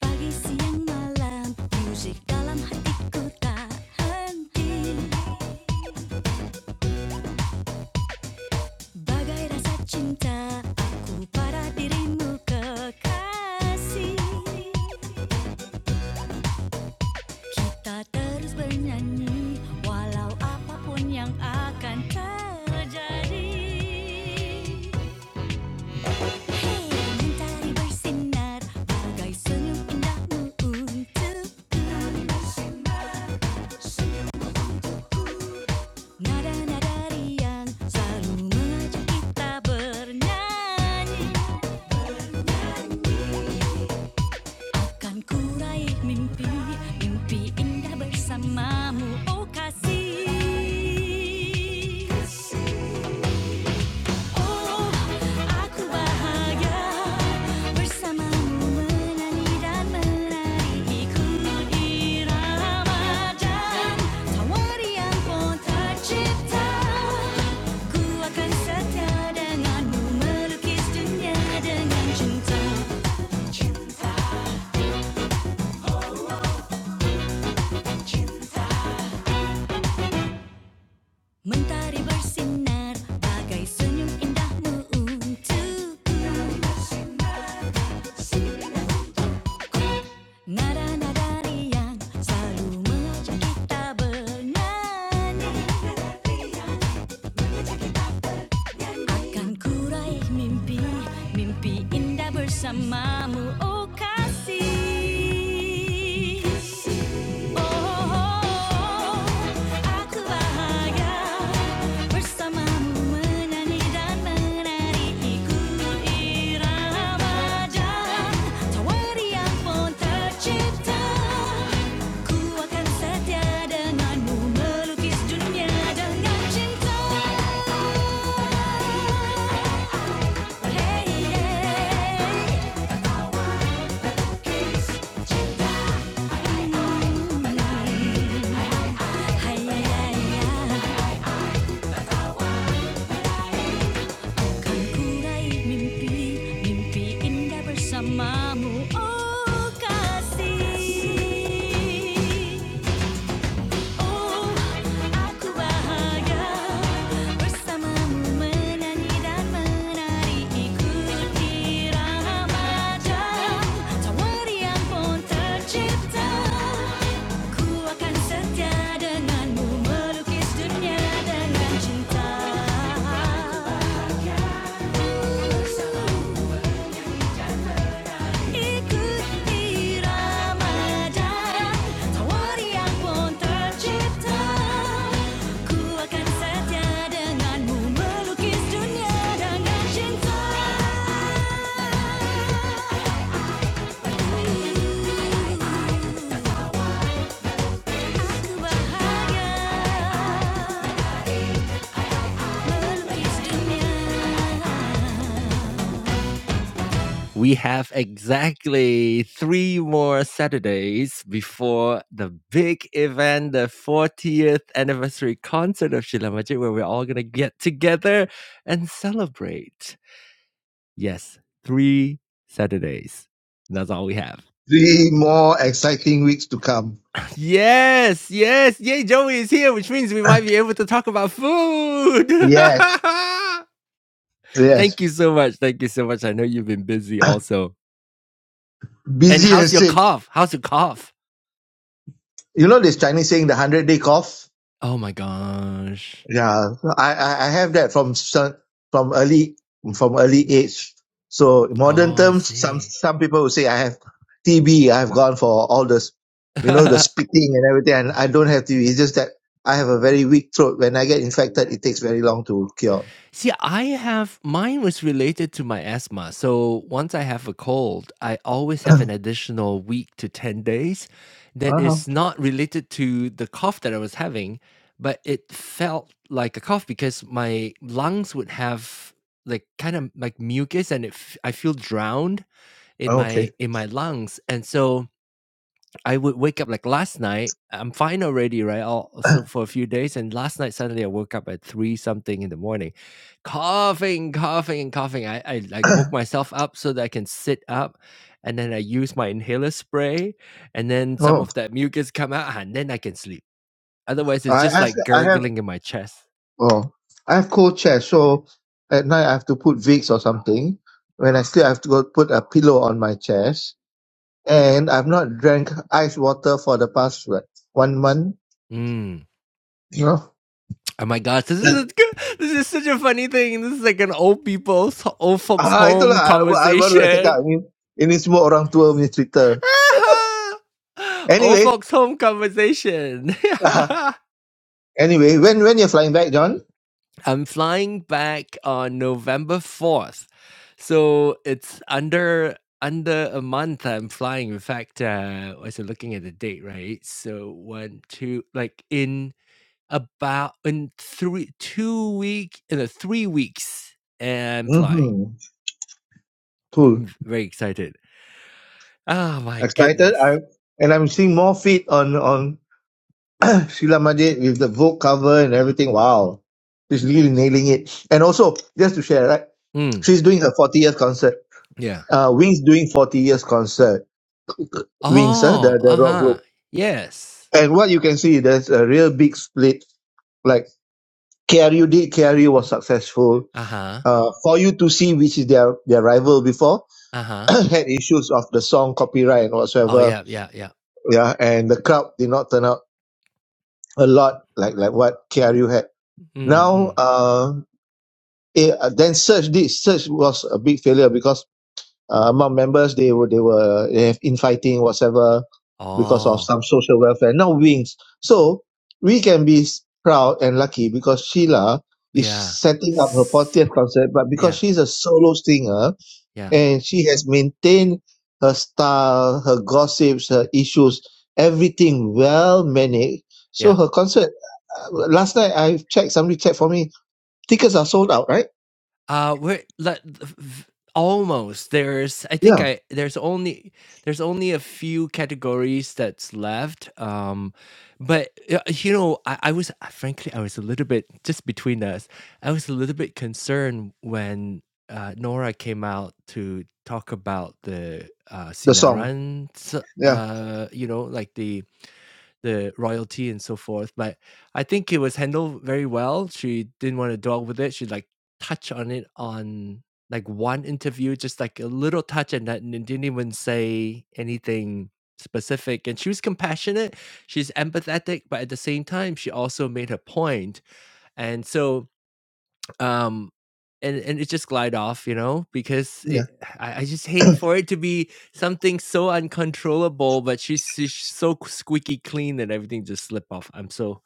Pagi siang malam Musik dalam hatiku tak henti Bagai rasa cinta Aku pada dirimu kekasih Kita terus bernyanyi Walau apapun yang akan terjadi Hey, mentari bersinar Bagai senyum indahmu untukku Mentari bersinar senyumku. Nada-nada riang selalu mengajak kita bernyanyi Kan ku mimpi, mimpi indah bersamamu oh kasih Ako ba hayag? Bersama menyanyi dan meraih irama dan tawari yang pun tercipta Ku akan setia denganmu melukis dunia dengan cinta Cinta, cinta Mentari bersinar bagai indahmu untukku. Nada-nada riang selalu mengajak kita bernyanyi. Akan kurai mimpi Mimpi indah bersamamu Oh kasih Oh aku bahagia Bersamamu menyanyi dan menari Ikut irama jalan Tawari yang pun tercipta Ku akan setia denganmu melukis dunia dengan cinta. Bersamamu oh kasih Oh, aku bahagia bersamamu menyanyi dan menari ikuti remaja tawari yang pun tercipta. Ku akan setia denganmu melukis dunia dengan cinta. Ikut irama dan tawari yang pun tercipta Ku akan setia denganmu melukis dunia dengan cinta Aku bahagia melukis dunia We have exactly three more Saturdays before the big event, the 40th anniversary concert of Shila Majid, where we're all going to get together and celebrate. Yes, three Saturdays. That's all we have. Three more exciting weeks to come. Yes, yes, yay, Joey is here, which means we might be able to talk about food. Yes, thank you yes. so much. Thank you so much. I know you've been busy also. And Busy how's and your sick. cough? How's your cough? You know this Chinese saying, the hundred day cough. Oh my gosh. Yeah, I, I I have that from some- from early from early age. So in modern Oh, I terms, some see. some people will say I have TB. I've gone for all this, you know, the spitting and everything, and I don't have TB. It's just that I have a very weak throat. When I get infected, it takes very long to cure. see, I have mine was related to my asthma. So once I have a cold, I always have an additional week to 10 days that uh is not related to the cough that I was having, but it felt like a cough because my lungs would have like kind of like mucus and it f- I feel drowned in my Okay. in my lungs. And so I would wake up like last night. I'm fine already, right? All so for a few days, and last night suddenly I woke up at three something in the morning, coughing, coughing, and coughing. I, I like woke myself up so that I can sit up, and then I use my inhaler spray, and then some Oh, of that mucus come out, and then I can sleep. Otherwise, it's I just have like I have gurgling in my chest. Oh, I have cold chest, so at night I have to put Vicks or something. When I sleep, I have to go put a pillow on my chest, and I've not drank ice water for the past what, one month. Mm. You know? Oh my gosh, this is a good, this is such a funny thing. This is like an old people's old folks Ah, itulah home I, I baru nak conversation. cakap ni. Ini semua orang tua punya cerita. Old Anyway, folks home conversation. anyway, when when you're flying back, John? I'm flying back on November 4th. So it's under under a month I'm flying. In fact, uh I was looking at the date, right? So one, two, like in about in three two week in a three weeks and I'm flying. Mm-hmm. Cool. I'm very excited. Oh my Excited. goodness. I and I'm seeing more feet on on Sheila Majid with the Vogue cover and everything. Wow. She's really nailing it. And also, just to share, right? Mm, She's doing her 40 years concert. yeah. Uh, Wings doing 40 years concert. Wings, huh? the, Oh, the rock uh-huh. group. Yes. And what you can see, there's a real big split. Like, KRU did, KRU was successful. Uh-huh. Uh, for you to see, which is their, their rival before, Uh-huh. had issues of the song copyright and Oh, whatsoever. yeah, yeah, yeah. Yeah. And the crowd did not turn out a lot like, like what KRU had. Mm, Now, mm. Uh. it, uh, then search did search was a big failure because uh, among members they were they were they have infighting whatever because of Oh, some social welfare now wings so we can be s- proud and lucky because sheila is yeah. setting up her S 40th concert but because Yeah, she's a solo singer yeah, and she has maintained her style her gossips her issues everything well managed so yeah. her concert uh, last night i checked somebody checked for me tickets are sold out right Uh, we're let v v almost. There's I think I there's only there's only a few categories that's left, um, but, uh, you know, I I was frankly, I was a little bit just between us, I was a little bit concerned when, uh, Nora came out to talk about the, uh, the song. sinaran Yeah, uh, you know, like the the royalty and so forth. But I think it was handled very well. She didn't want to dwell with it. She like touched on it on like one interview, just like a little touch, and that and didn't even say anything specific. And she was compassionate. She's empathetic, but at the same time, she also made her point. And so um and and it just glide off you know because yeah. it I, I just hate for it to be something so uncontrollable but she's, she's so squeaky clean that everything just slip off i'm so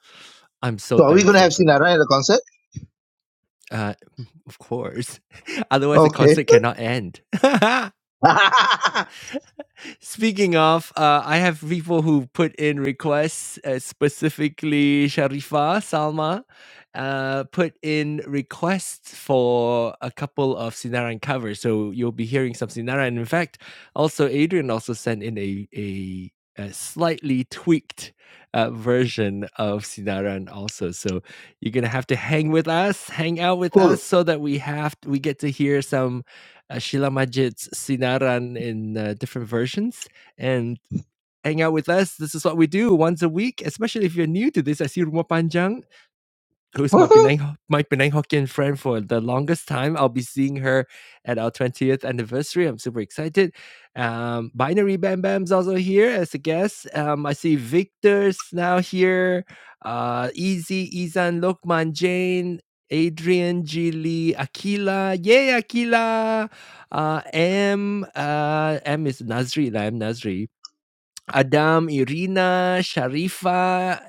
i'm so So are we going to thankful have for that Sinara at the concert? uh of course otherwise the Okay. concert cannot end Speaking of, uh, I have people who put in requests, uh, specifically Sharifa Salma, uh, put in requests for a couple of Sinaran covers. So you'll be hearing some Sinaran. And In fact, also Adrian also sent in a a, a slightly tweaked uh, version of Sinaran also. So you're gonna have to hang with us, hang out with us, cool. so that we have we get to hear some uh, Sheila Majid's Sinaran in uh, different versions and hang out with us. This is what we do once a week, especially if you're new to this. I see Rumah Panjang who's my Penang my Penang Hokkien friend for the longest time. I'll be seeing her at our 20th anniversary. I'm super excited. Um, Binary Bam Bam's also here as a guest. Um, I see Victor's now here. Uh, Easy, Izan, Lokman, Jane, Adrian, G. Lee, Akila. Yay, Akila! Uh, M, uh, M is Nazri. I'm Nazri Adam, Irina, Sharifa,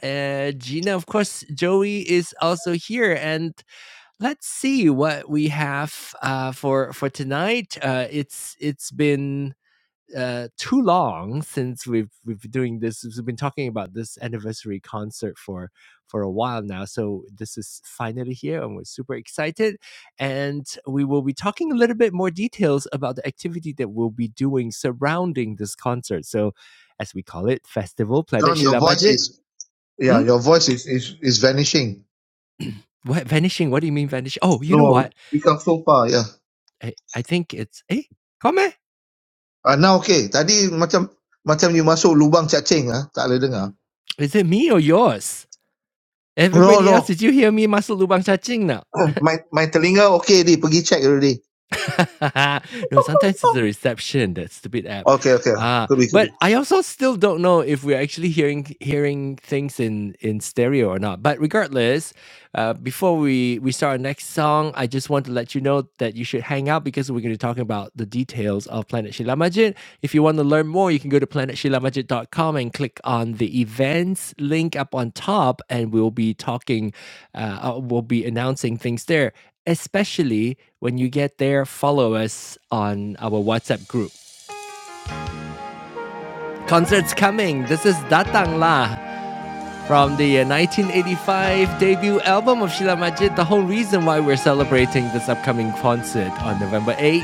uh, Gina. Of course, Joey is also here. And let's see what we have uh, for for tonight. Uh, it's it's been uh, too long since we've we've been doing this. We've been talking about this anniversary concert for for a while now. So this is finally here, and we're super excited. And we will be talking a little bit more details about the activity that we'll be doing surrounding this concert. So, as we call it, festival. Planet John, your Shila voice Majid. is yeah, Hmm? your voice is is, is vanishing. What vanishing? What do you mean vanishing? Oh, you know what? No, become so far. Yeah. I, I think it's eh, comment. Ah, now okay. Tadi macam macam you masuk lubang cacing ah, tak boleh dengar. Is it me or yours? No, Everybody else, no. did you hear me, Masuk Lubang cacing now? My my telinga okay di, pergi check already. no, sometimes it's the reception, that stupid app. Okay, okay. ah. Ah, Could be, could be. but I also still don't know if we're actually hearing hearing things in in stereo or not. But regardless, uh, before we we start our next song, I just want to let you know that you should hang out because we're going to be talking about the details of Planet Shilamajit. If you want to learn more, you can go to Planet shila majid dot com and click on the events link up on top, and we'll be talking, uh, uh, we'll be announcing things there. Especially when you get there, follow us on our WhatsApp group Concerts coming. This is Datang lah from the uh, 1985 debut album of Sheila Majid. The whole reason why we're celebrating this upcoming concert on November 8th.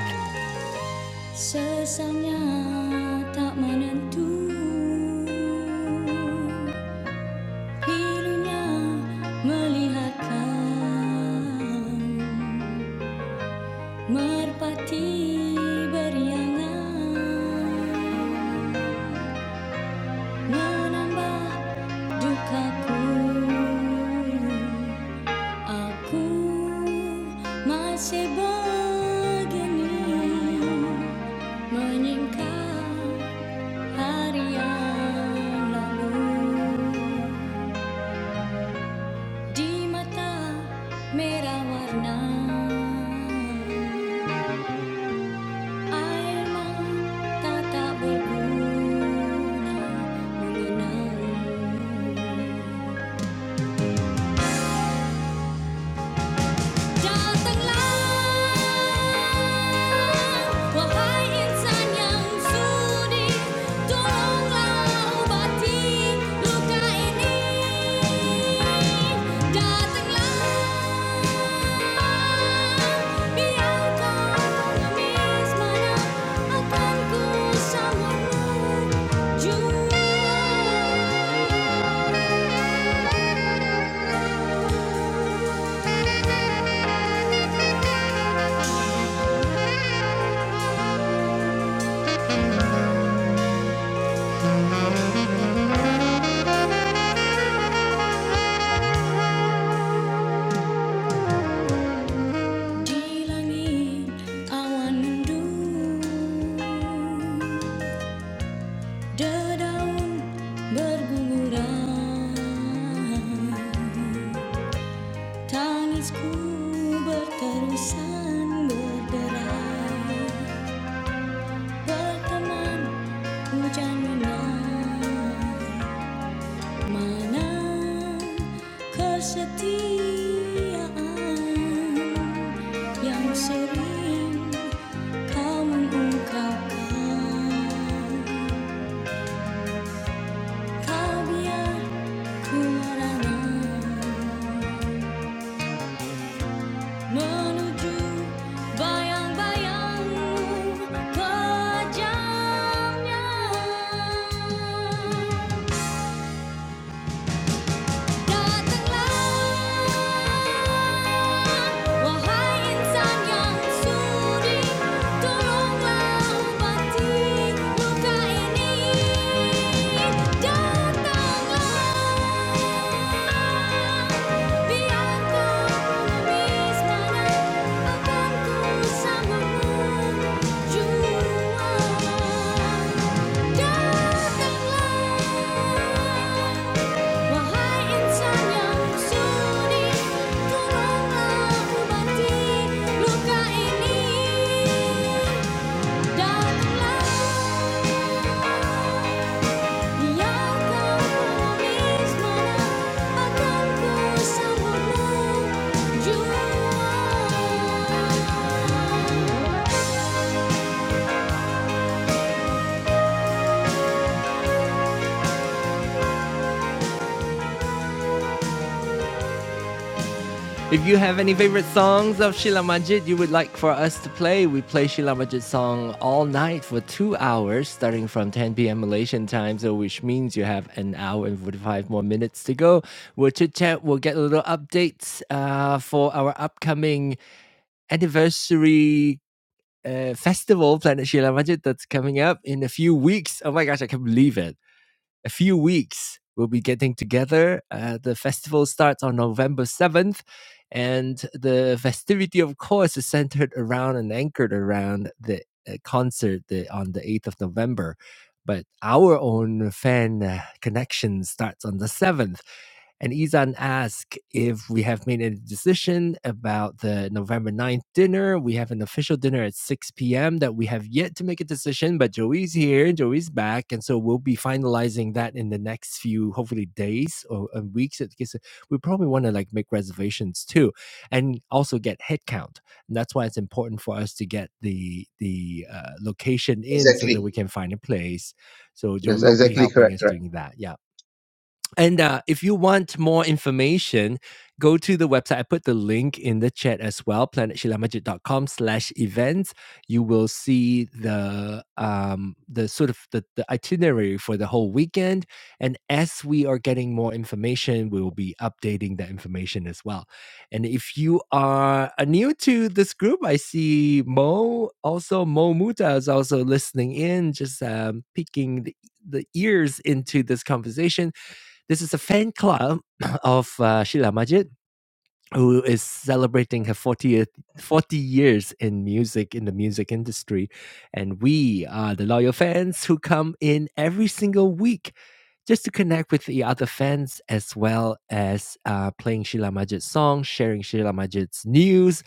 Merpati beriangan menambah dukaku. Aku masih begini menyingkap hari yang lalu di mata merah warna air mata tak berguna mengenang. Datang wahai insan yang sudi, tolonglah obati luka ini. Datanglah, biarkan menangis mana akan ku sambutmu jua. Di langit awan mendung, dedaun berguguran, tangisku berterusan berderai, berteman hujan menang, mana kesetiaan yang sering Kau mengungkapkan Kau biar ku Menuju bayang-bayangmu Pejamnya datanglah wahai insan yang sudi tolonglah obati luka ini datanglah biar ku lukis mana akan ku sanggup menjual datanglah Wahai insan yang sudi, tolonglah obati luka ini. Datanglah, biar kamis mana akan bersamamu jua. If you have any favorite songs of Sheila Majid you would like for us to play, we play Sheila Majid song all night for two hours, starting from 10 p.m. Malaysian time, so which means you have an hour and 45 more minutes to go. We'll chit chat, we'll get a little updates uh, for our upcoming anniversary uh, festival, Planet Sheila Majid, that's coming up in a few weeks. Oh my gosh, I can't believe it a few weeks. We'll be getting together. Uh, the festival starts on November 7th, and the festivity, of course, is centered around and anchored around the uh, concert the, on the 8th of November. But our own fan uh, connection starts on the 7th. And Izan asked if we have made any decision about the November ninth dinner. We have an official dinner at 6 p.m. that we have yet to make a decision, but Joey's here, Joey's back. And so we'll be finalizing that in the next few, hopefully, days or uh, weeks. Because we probably want to like make reservations too and also get headcount. And that's why it's important for us to get the the uh, location in so that Exactly. we can find a place. So Joey Yes, will be exactly helping correct, us correct. doing that. Yeah. And uh, if you want more information, go to the website. I put the link in the chat as well, planetshilamajit.com slash events. You will see the um, the sort of the, the itinerary for the whole weekend. And as we are getting more information, we will be updating that information as well. And if you are uh, new to this group, I see Mo, also Mo Muta is also listening in, just um, peeking the, the ears into this conversation this is a fan club of uh, Sheila Majid, who is celebrating her 40th 40 years in music in the music industry and we are the loyal fans who come in every single week just to connect with the other fans as well as uh, playing Sheila Majid's songs, sharing Sheila Majid's news.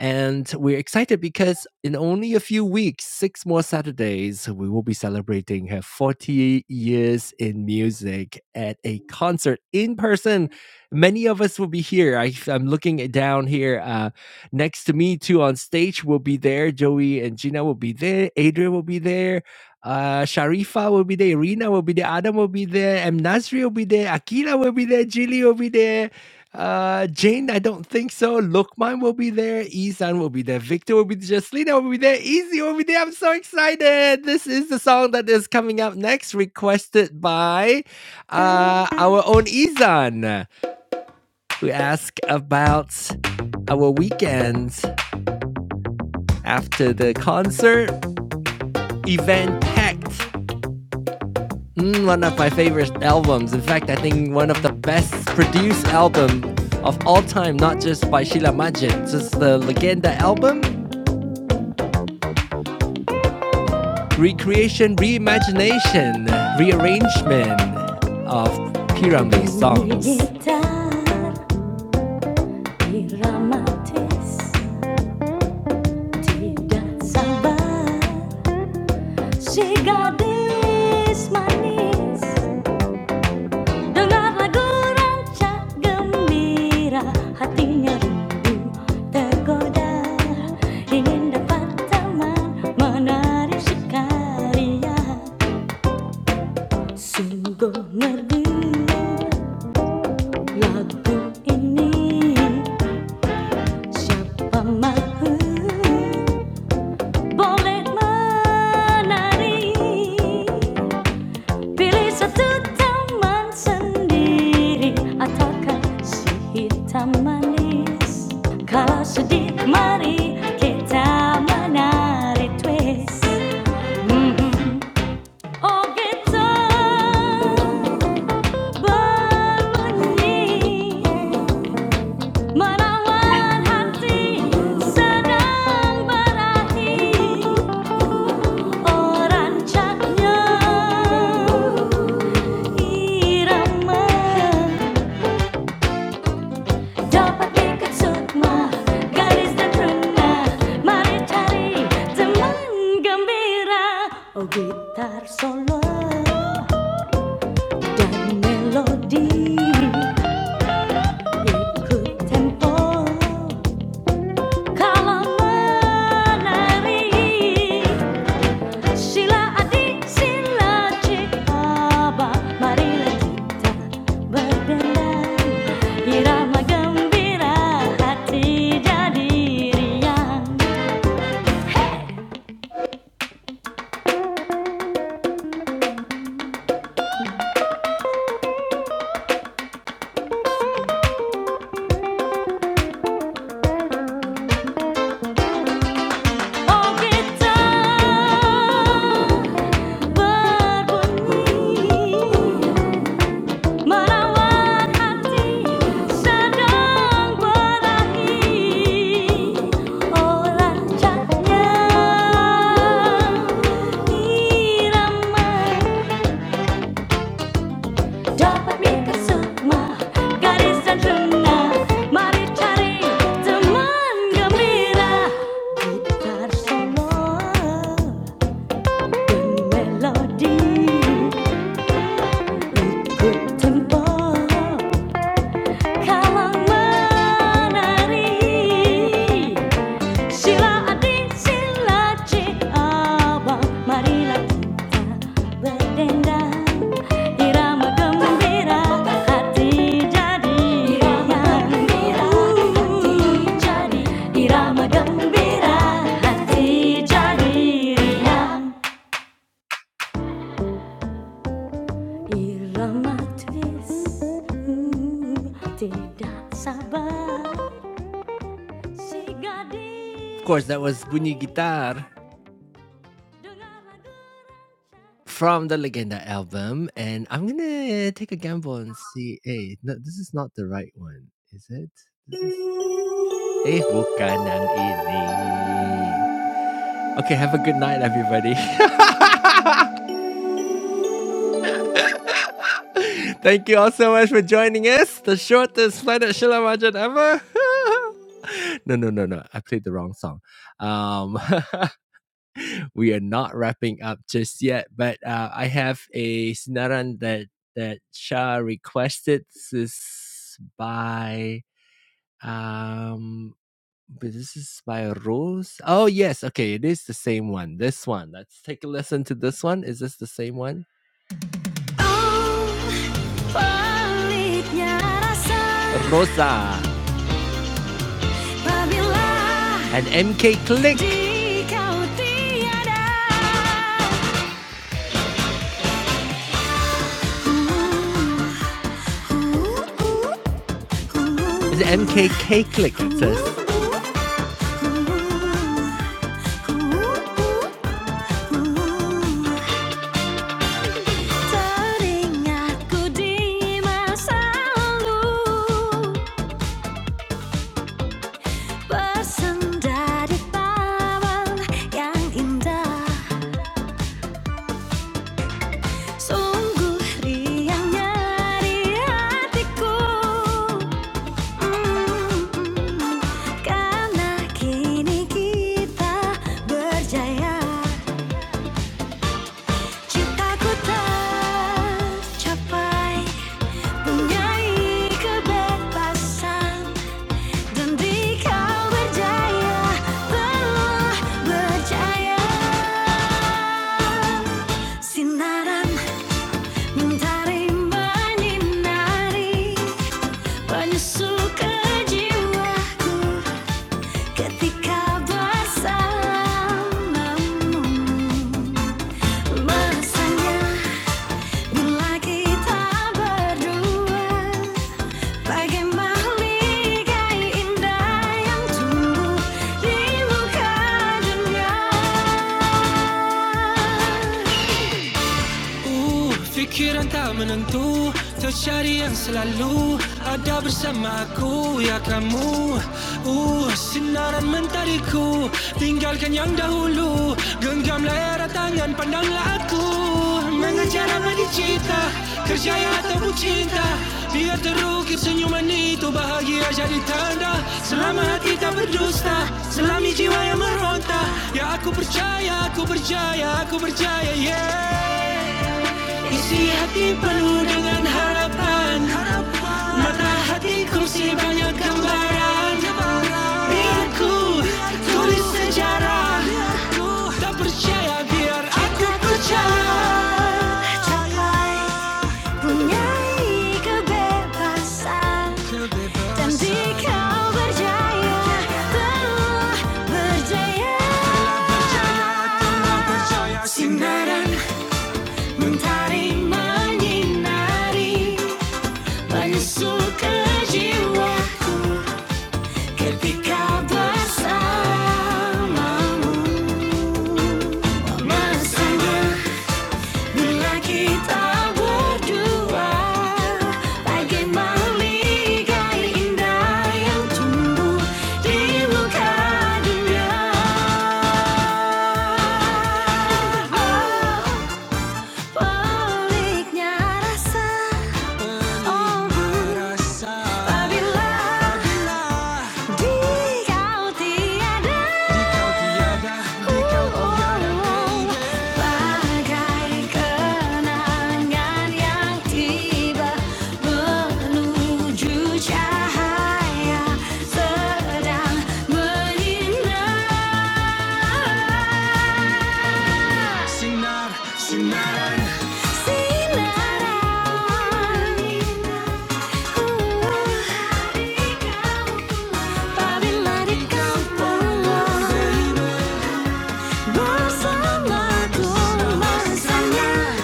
And we're excited because in only a few weeks, six more Saturdays, we will be celebrating her 40 years in music at a concert in person. Many of us will be here. I, I'm looking down here. Uh, next to me, too, on stage will be there. Joey and Gina will be there. Adrian will be there uh, Sharifa will be there, Irina will be there, Adam will be there, M. Nasri will be there, Akila will be there, Jilly will be there, uh, Jane, I don't think so, Lokman will be there, Isan will be there, Victor will be there, Jaslina will be there, Easy will be there. I'm so excited. This is the song that is coming up next, requested by uh, our own Izan, who asked about our weekends after the concert event packed Mm, one of my favorite albums. In fact, I think one of the best produced album of all time, not just by Sheila Majid, just the Legenda album, recreation, reimagination, rearrangement of Pyramid songs. tidak sabar si gadis manis Dengar lagu rancak gembira Hatinya rindu tergoda Ingin dapat teman menari sekali ya Sungguh merdu lagu ini Siapa mahu boleh menari Pilih satu taman sendiri Ataukah si hitam manis Kalau sedih mari kita menari twist Mm-mm. Oh gitar berbunyi Merawat hati sedang berarti Orang caknya irama Dapat ikat sukma garis dan pernah Mari cari teman gembira Oh gitar solo dan melodi Ikut tempo Kalamari, sila adik, sila cikaba. Marilah kita berdenang, irama gembira hati jadi riang. Oh kita berbunyi Merawat hati sedang berahi Oh rancaknya irama Dapat bingkai sukma garis dan rengah Mari cari teman gembira Gitar solo bermelodi ikut tempo kalang menari Sila adik sila cik abang Marilah kita berdendang Irama gembira hati jadi Irama gembira hati jadi Irama gembira hati jadi riang Irama twist hmm, Tidak sabar Of course, that was Bunyi Gitar from the Legenda album. And I'm gonna take a gamble and see. Hey, no, this is not the right one, is it? Eh, bukan yang ini. Okay, have a good night, everybody. Thank you all so much for joining us. The shortest Planet Shila Shilamajan ever. no, no, no, no. I played the wrong song. Um, we are not wrapping up just yet. But uh, I have a sinaran that that Shah requested. This is by um, but this is by Rose. Oh yes, okay, it is the same one. This one. Let's take a listen to this one. Is this the same one? Oh, Rosa and MK Click. It's MKK click, it says. yang indah. Sungguh riang nyari hatiku Mm, Karena kini kita berjaya Cintaku tercapai Punyai kebebasan Dan di kau berjaya Penuh berjaya Sinaran Mentari nari menyusuka jiwaku ketika bersamamu. Mesranya bila kita berdua bagai mahligai yang tumbuh di muka dunia. Ooh, fikiran tak menentu Tercari yang selalu Ada bersama aku, ya kamu Ooh, sinaran mentariku Tinggalkan yang dahulu Genggamlah erat tangan, pandanglah aku Mengejar abadi cita Kerjaya ataupun cinta Biar terukir senyuman itu Bahagia jadi tanda Selama hati tak berdusta Selami jiwa yang meronta Ya aku percaya, aku percaya, aku percaya, yeah Isi hati penuh dengan harapan Mata Matahati kursi banyak gambaran Biar ku tulis sejarah Tak percaya biar aku percaya Capai punyai kebebasan Dan di kau berjaya Telah berjaya Sinaran Tarim menyinari Menyusul ke jiwaku Ketika bersamamu Mesra bila kita berdua Bagai meligai indah yang tumbuh di muka dunia Baliknya rasa, oh bila di kau tiada, bagai kenangan yang tiba menuju cahaya sedang menyinari. Sinar, sinar. Bersamaku, bersamaku, bersamaku.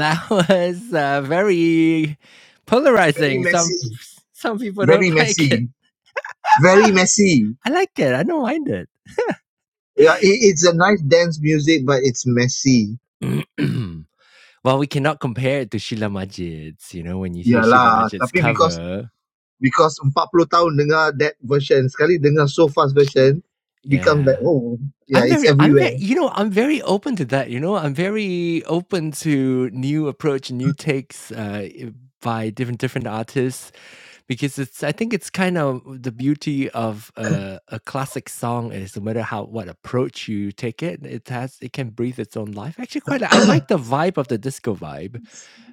That was uh, very Very polarizing. Some messy. some people Very don't like it. messy. Very messy. I like it. I don't mind it. Yeah, it, it's a nice dance music but it's messy. well, we cannot compare it to Sheila Majid's. You know, when you hear Sheila Yalah, Majid's tapi because cover, because 40 tahun dengar that version, sekali dengar so fast version, become yeah, like oh, yeah, I'm it's very I'm very everywhere. you know, I'm very open to that, you know? I'm very open to new approach, new takes, uh, eh, by different different artists because it's I think it's kind of the beauty of a a classic song is no matter how what approach you take it, it has it can breathe its own life. Actually quite I like the vibe of the disco vibe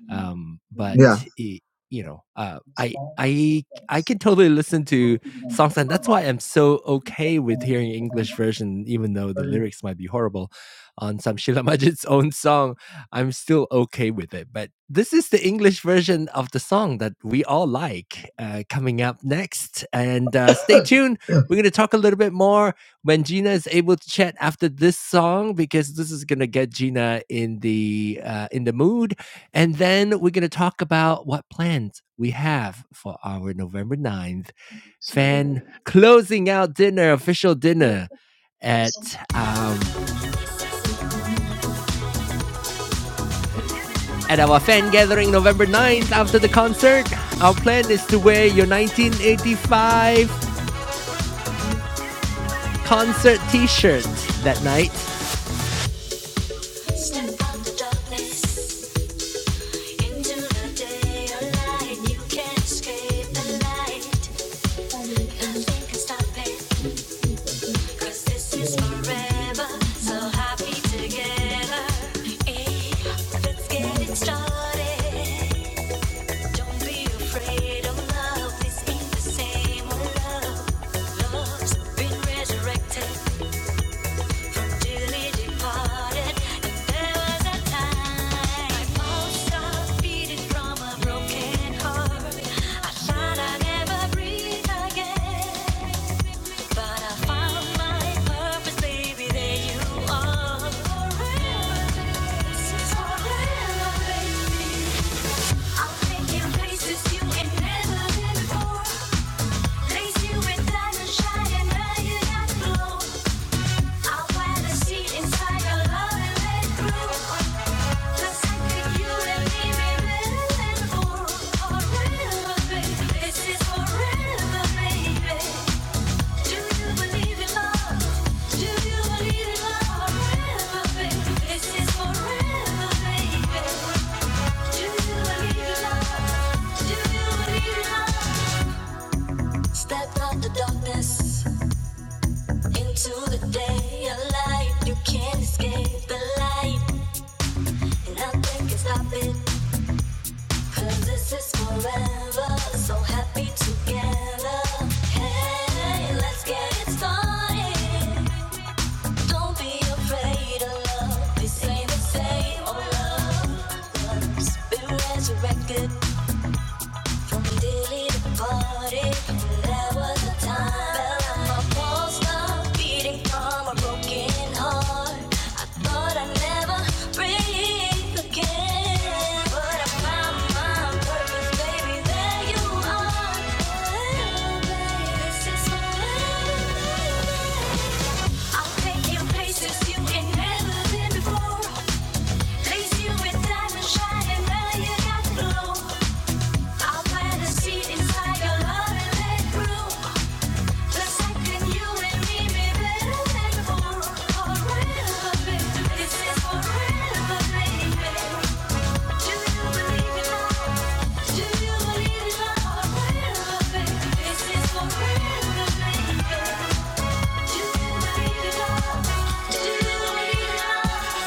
um but Yeah. it, you know uh i i i can totally listen to songs and that's why i'm so okay with hearing english version even though the lyrics might be horrible on some Sheila Majid's own song i'm still okay with it but this is the english version of the song that we all like uh, coming up next and uh, stay tuned we're going to talk a little bit more when Gina is able to chat after this song because this is gonna get Gina in the uh, in the mood and then we're going to talk about what plans we have for our November ninth fan closing out dinner, official dinner at um, at our fan gathering November ninth after the concert. Our plan is to wear your 1985 concert t-shirt that night. Resurrected. Place you with diamond shine and now you got the glow like Step out the darkness into the day. A light you can't escape. The light. Nothing can stop it, cause this is forever. So happy together. Hey, let's get it started. Don't be afraid of love. This ain't the same old love. Love's been resurrected. Place you with diamond shining, now you got the glow. I wanna see inside your lovely room, just like when you and me made it before. For baby, this is for baby. Do you believe in love? Do you believe in love? For baby, this is for baby. Do you believe in love? Do you believe in love?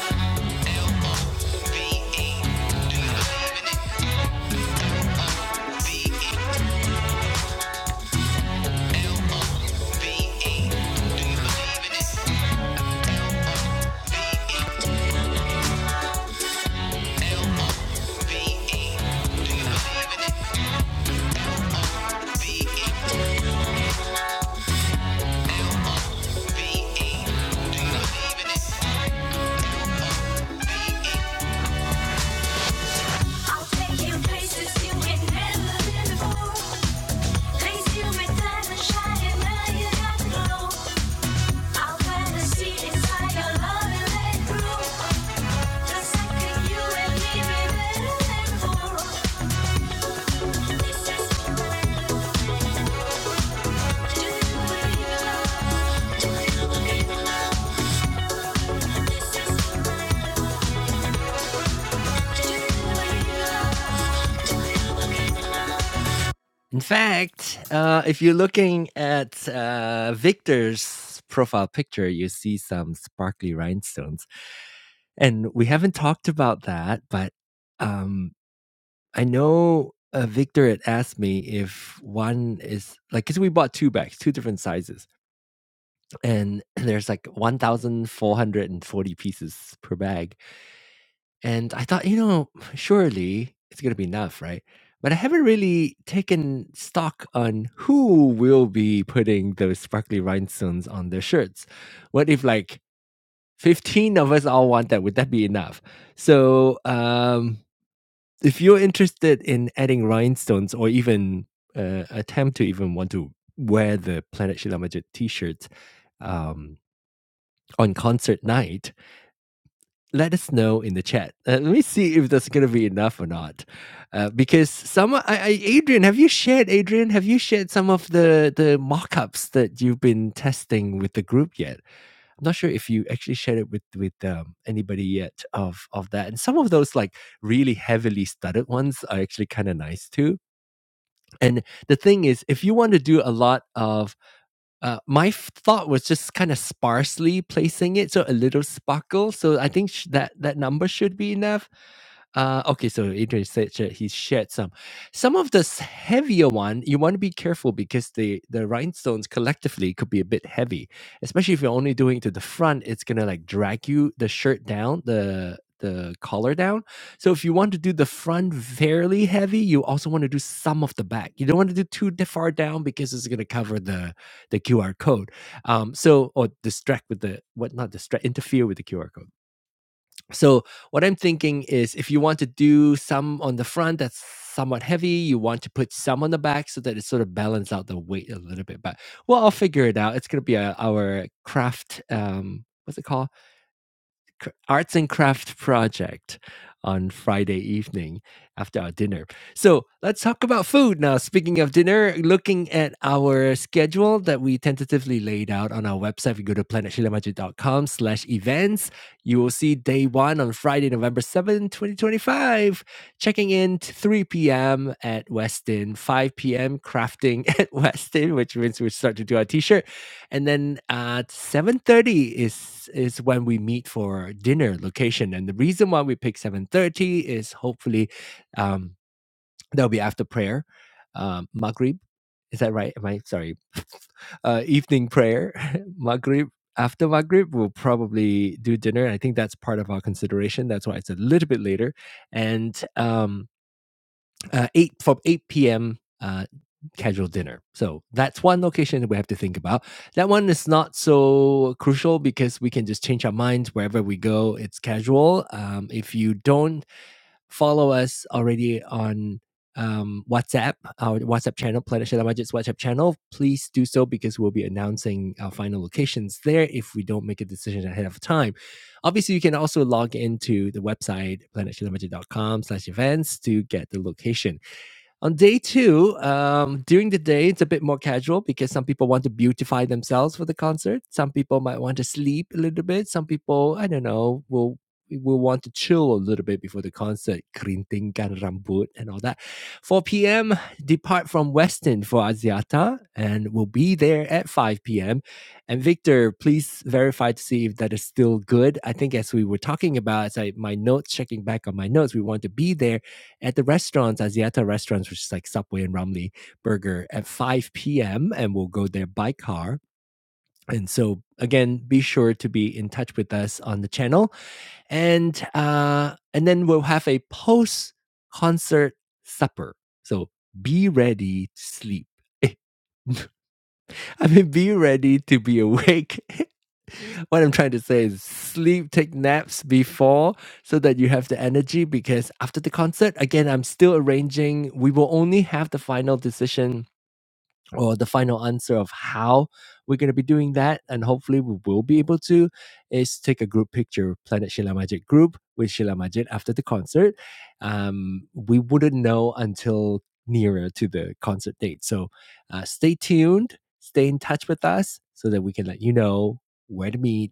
I'll take you places you ain't never been before. in In fact, uh, if you're looking at uh, Victor's profile picture, you see some sparkly rhinestones. And we haven't talked about that, but um, I know uh, Victor had asked me if one is like, because we bought two bags, two different sizes, and there's like 1,440 pieces per bag. And I thought, you know, surely it's going to be enough, right? But I haven't really taken stock on who will be putting those sparkly rhinestones on their shirts. What if like 15 of us all want that? Would that be enough? So, um, if you're interested in adding rhinestones or even uh, attempt to even want to wear the Planet Shilamajet t-shirts um, on concert night, let us know in the chat. Uh, let me see if that's going to be enough or not. Uh, because some, I, I, Adrian, have you shared, Adrian, have you shared some of the, the mock-ups that you've been testing with the group yet? I'm not sure if you actually shared it with with um, anybody yet of of that. And some of those like really heavily studded ones are actually kind of nice too. And the thing is, if you want to do a lot of uh, my f- thought was just kind of sparsely placing it, so a little sparkle. So I think sh- that that number should be enough. Uh, okay, so Adrian said sh- he shared some. Some of the s- heavier one, you want to be careful because the the rhinestones collectively could be a bit heavy, especially if you're only doing to the front. It's gonna like drag you the shirt down, the the collar down. So if you want to do the front fairly heavy, you also want to do some of the back. You don't want to do too d- far down because it's gonna cover the the QR code. Um, so or distract with the what not distract interfere with the QR code. So what I'm thinking is if you want to do some on the front that's somewhat heavy, you want to put some on the back so that it sort of balance out the weight a little bit. But well, I'll figure it out. It's gonna be uh our craft um what's it called? c- arts and craft project on Friday evening after our dinner. So let's talk about food now. Speaking of dinner, looking at our schedule that we tentatively laid out on our website, if you go to planetshilamajit.com slash events, you will see day one on Friday, November seventh, 2025, checking in t- 3 p.m. at Westin, 5 p.m. crafting at Westin, which means we start to do our t-shirt and then at 7.30 is is when we meet for dinner location and the reason why we pick 7.30 is hopefully um that'll be after prayer um maghrib is that right am i sorry uh evening prayer maghrib after maghrib we'll probably do dinner i think that's part of our consideration that's why it's a little bit later and um uh, eight from eight p.m. Uh, casual dinner. So that's one location that we have to think about. That one is not so crucial because we can just change our minds wherever we go. It's casual. Um, if you don't follow us already on um, WhatsApp, our WhatsApp channel, Planet Shadow Budget's WhatsApp channel, please do so because we'll be announcing our final locations there if we don't make a decision ahead of time. Obviously, you can also log into the website, planet shah budget dot com slash events to get the location. On day two, um, during the day, it's a bit more casual because some people want to beautify themselves for the concert. Some people might want to sleep a little bit. Some people, I don't know, will will want to chill a little bit before the concert, kerintingkan rambut and all that. 4 p.m., depart from Weston for Asiata and we'll be there at 5 p.m. And Victor, please verify to see if that is still good. I think as we were talking about, as I, my notes, checking back on my notes, we want to be there at the restaurants, Asiata restaurants, which is like Subway and Ramly Burger at 5 p.m. and we'll go there by car. And so again, be sure to be in touch with us on the channel. And uh and then we'll have a post concert supper. So be ready to sleep. I mean, be ready to be awake What I'm trying to say is sleep, take naps before so that you have the energy because after the concert, again, I'm still arranging. We will only have the final decision or the final answer of how we're going to be doing that. And hopefully we will be able to is take a group picture, Planet Sheila Majid group with Sheila Majid after the concert. Um, we wouldn't know until nearer to the concert date. So uh, stay tuned, stay in touch with us so that we can let you know where to meet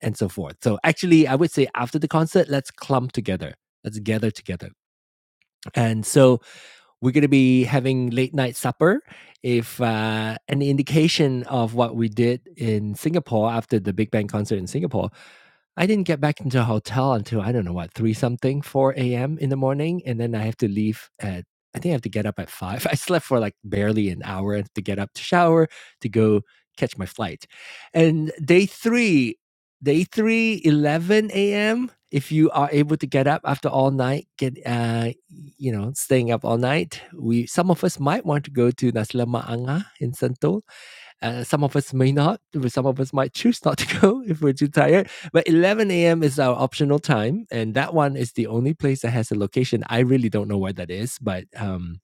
and so forth. So actually, I would say after the concert, let's clump together. Let's gather together. And so we're going to be having late night supper. If uh, an indication of what we did in Singapore after the Big Bang concert in Singapore I didn't get back into a hotel until I don't know what three something, four a.m. in the morning, and then I have to leave at. I think I have to get up at five. I slept for like barely an hour to get up to shower to go catch my flight. And day three, day three, eleven a.m. If you are able to get up after all night, get uh, you know, staying up all night, we some of us might want to go to Nasla Maanga in Sentul uh, some of us may not, some of us might choose not to go if we're too tired. But 11 a.m. is our optional time, and that one is the only place that has a location. I really don't know where that is, but um,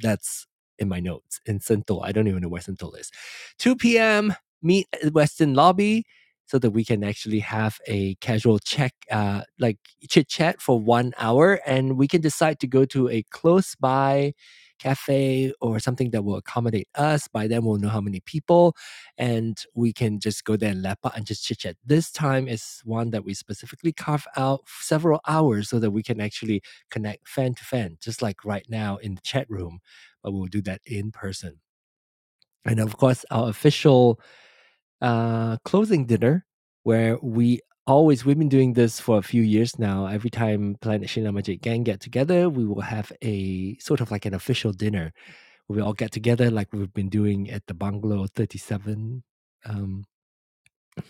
that's in my notes in Sentul. I don't even know where Sentul is. 2 p.m. Meet at Western Lobby so that we can actually have a casual check, uh, like chit chat for one hour, and we can decide to go to a close by cafe or something that will accommodate us. By then, we'll know how many people, and we can just go there and lap up and just chit chat. This time is one that we specifically carve out several hours so that we can actually connect fan to fan, just like right now in the chat room but we'll do that in person. And of course, our official uh, closing dinner, where we always we've been doing this for a few years now. Every time Planet Shina Magic Gang get together, we will have a sort of like an official dinner. where We all get together like we've been doing at the Bungalow 37 um,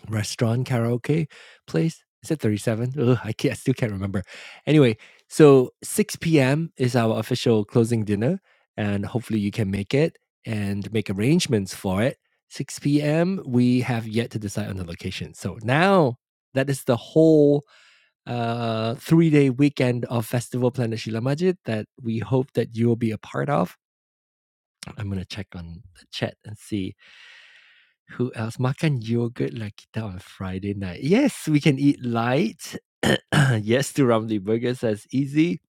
restaurant karaoke place. Is it 37? Ugh, I, can't, I still can't remember. Anyway, so 6 p.m. is our official closing dinner, and hopefully you can make it and make arrangements for it. 6 p.m. We have yet to decide on the location. So now that is the whole uh, three-day weekend of Festival Planet Shila Majid that we hope that you will be a part of. I'm gonna check on the chat and see who else? Makan yogurt like kita on Friday night. Yes, we can eat light. yes to Ramly Burgers. That's easy.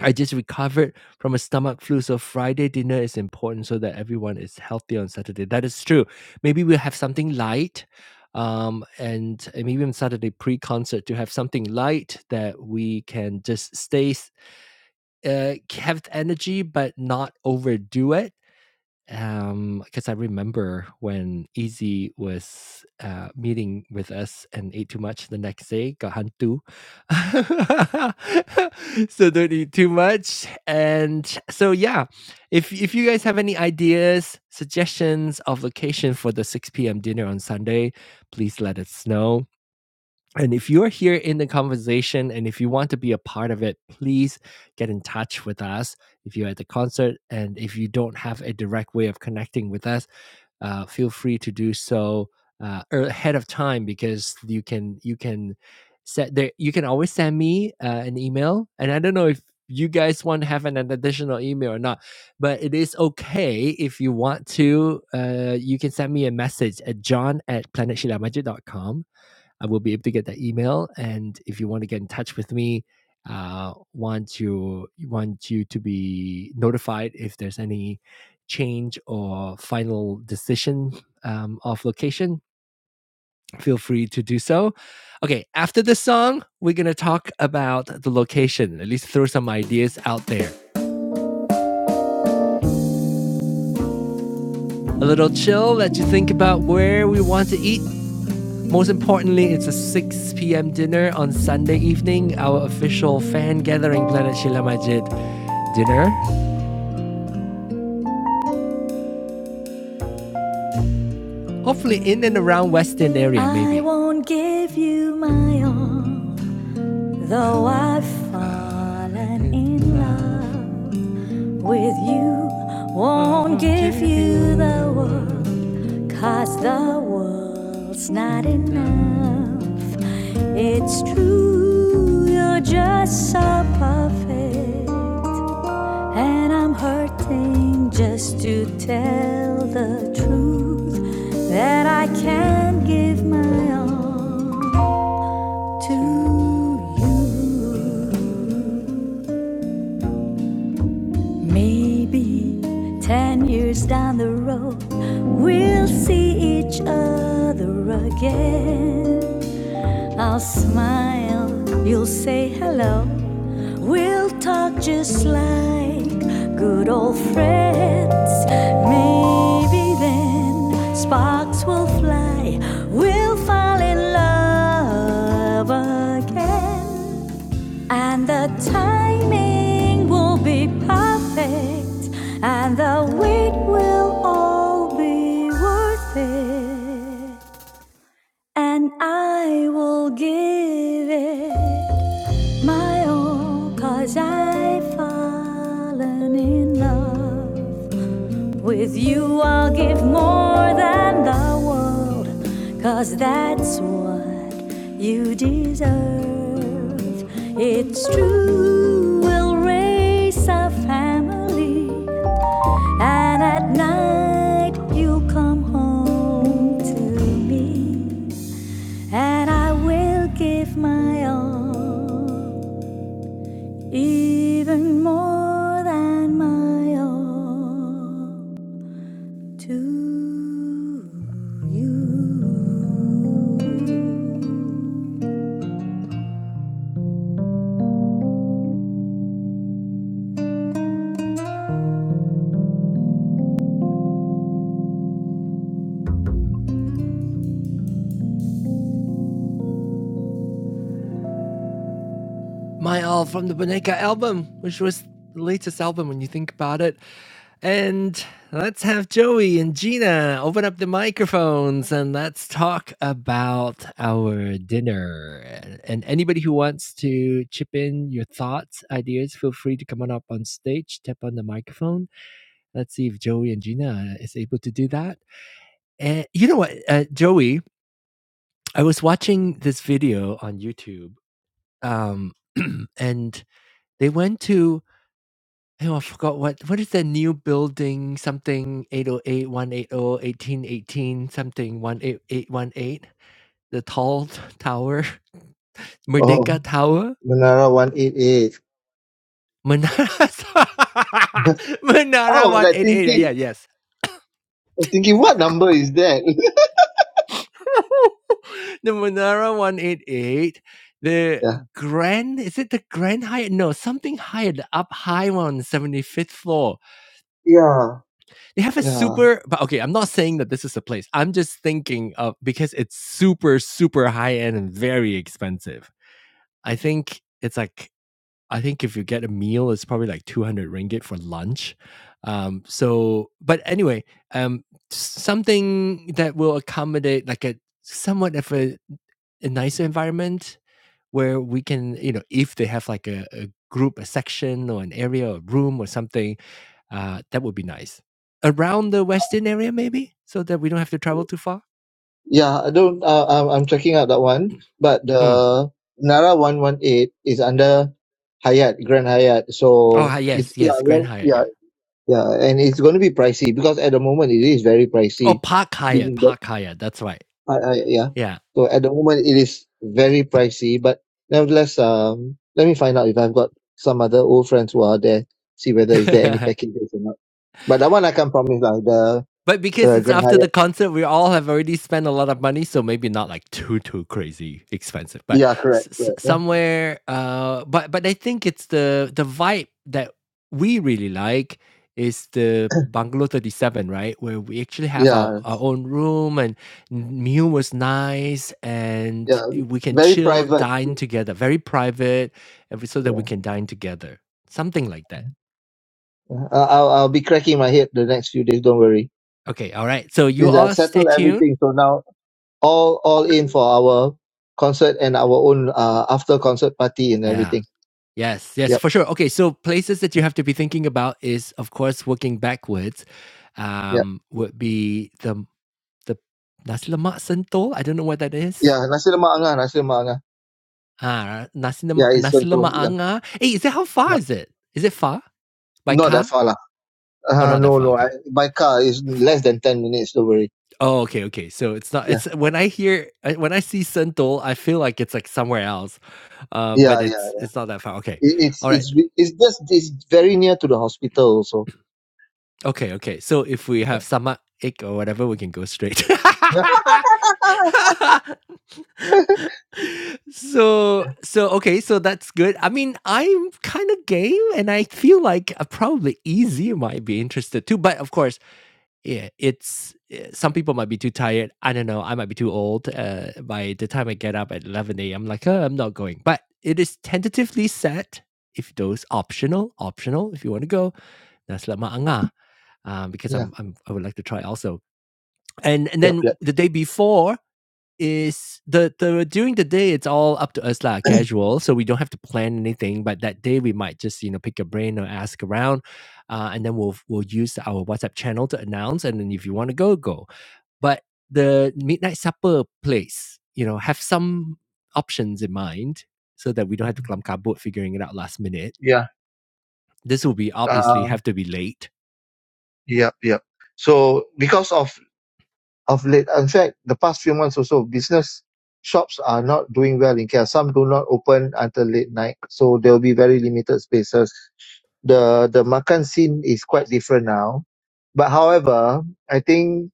I just recovered from a stomach flu, so Friday dinner is important so that everyone is healthy on Saturday. That is true. Maybe we'll have something light, um, and uh, maybe on Saturday pre-concert to have something light that we can just stay s- uh, have energy but not overdo it um, because I remember when Easy was uh, meeting with us and ate too much the next day, got hantu. so don't eat too much. And so yeah, if if you guys have any ideas, suggestions of location for the 6 p.m. dinner on Sunday, please let us know. And if you're here in the conversation and if you want to be a part of it, please get in touch with us. If you're at the concert and if you don't have a direct way of connecting with us, uh, feel free to do so uh, er- ahead of time because you can you can set there. You can always send me uh, an email, and I don't know if you guys want to have an, additional email or not, but it is okay if you want to. Uh, you can send me a message at john at planet shila majid dot com. I will be able to get that email. And if you want to get in touch with me, uh, want you want you to be notified if there's any change or final decision um, of location, feel free to do so. Okay, after this song, we're gonna talk about the location, at least throw some ideas out there. A little chill, let you think about where we want to eat. Most importantly, it's a 6 p.m. dinner on Sunday evening, our official fan gathering, Planet Shila Majid. dinner. Hopefully in and around Western area, I maybe. I won't give you my all, though I've fallen in love with you. Won't give you the world, cause the world's not enough. It's true, you're just so perfect. And I'm hurting just to tell the truth that I can't give my all to you. Maybe 10 years down the road, we'll see each other again. I'll smile, you'll say hello. We'll talk just like good old friends. Maybe then sparks will fly. We'll fall in love again. And the timing will be perfect. And the wait will all be worth it. And I will give it my all, cause I've fallen in love. With you, I'll give more than the world, cause that's what you deserve. It's true, we'll raise a family, and at night you'll come home to me, and I will give my all even more than my all to you. My All from the Boneka album, which was the latest album when you think about it. And let's have Joey and Gina open up the microphones and let's talk about our dinner. And anybody who wants to chip in your thoughts, ideas, feel free to come on up on stage, tap on the microphone, Let's see if Joey and Gina uh, is able to do that. And you know what, uh, Joey, I was watching this video on YouTube, um, and they went to oh, I forgot what what is that new building something eight o eight one eight o 1818 something 18818 the tall t- tower Oh, Merdeka Tower Menara 188. Menara I Menara was like 188 yeah thinking, yes I was thinking, what number is that? the Monera 188, the Grand, is it the Grand Hyatt? No, something higher, the up high one on the 75th floor. Yeah, They have a yeah, super, but okay, I'm not saying that this is a place. I'm just thinking of because it's super, super high end and very expensive. I think it's like, I think if you get a meal, it's probably like 200 ringgit for lunch. Um, so, but anyway, um, something that will accommodate like a somewhat of a a nicer environment where we can, you know, if they have like a, a group, a section or an area or room or something, uh, that would be nice. Around the Western area, maybe, so that we don't have to travel too far. yeah. I don't. Uh, I'm I'm checking out that one, but Mm. the Nara one one eight is under Hyatt Grand Hyatt, Oh, so hi- it's yes, yeah, yes, Grand like, Hyatt, yeah. yeah, yeah, and it's going to be pricey because at the moment it is very Oh, pricey. Park Hyatt, Being that, Park Hyatt, that's right. I, I, yeah. Yeah. So at the moment it is very pricey, but nevertheless, um, let me find out if I've got some other old friends who are there, see whether is there any packages or not. But that one I can't promise, like the But because uh, it's Grand after the Hyatt. concert, we all have already spent a lot of money, so maybe not like too too crazy expensive, but Yeah, s- correct, correct. huh? somewhere. Uh, but but I think it's the the vibe that we really like is the bungalow 37 right where we actually have our, Yeah. our own room and meal was nice Yeah, and we can very chill private. dine together very private and we- so that we Yeah, can dine together something like that I- I'll I'll be cracking my head the next few days. Don't worry. okay all right so you Since I've all stay settled tuned everything, so now All all in for our concert and our own uh after concert party and yeah everything. Yes, yes, Yep. for sure. Okay, so places that you have to be thinking about is, of course, working backwards. yep, Um, would be the the nasi lemak sentul. I don't know what that is. Yeah, nasi lemak angah, nasi lemak angah. Ah, nasi yeah, lemak it's nasi going to lemak yeah, anga. Hey, is that how far yeah, is it? Is it far by Not that car? far lah. Oh, Uh, not that no, far. no. I, Okay. by car is less than ten minutes. Don't worry. Oh, okay, okay. So it's not. yeah. It's when I hear uh, when I see sentul, I feel like it's like somewhere else, uh, but Yeah, yeah. it's it's not that far. Okay. It, it's All right. it's it's just it's very near to the hospital also. Okay, okay. So if we have stomach ache or whatever, we can go straight. so so okay, so that's good. I mean, I'm kind of game, and I feel like uh, probably easy might be interested too. But of course, yeah, it's eh, some people might be too tired. I don't know. I might be too old. Uh, by the time I get up at eleven a.m., like oh, I'm not going. But it is tentatively set. If those optional, optional. If you want to go, that's La Maanga, uh, nah, um, because Yeah, I'm, I'm I would like to try also. And and yep, then yep. the day before is the the during the day it's all up to us lah casual, so we don't have to plan anything. But that day we might just you know pick a brain or ask around, uh, and then we'll we'll use our WhatsApp channel to announce. And then if you want to go, go. But the midnight supper place, you know, have some options in mind so that we don't have to clum kabut figuring it out last minute yeah. this will be obviously Uh, have to be late. Yep, yep. So because of of late, in fact, the past few months also, business shops are not doing well in KL. Some do not open until late night, so there will be very limited spaces. The the makan scene is quite different now. But however, I think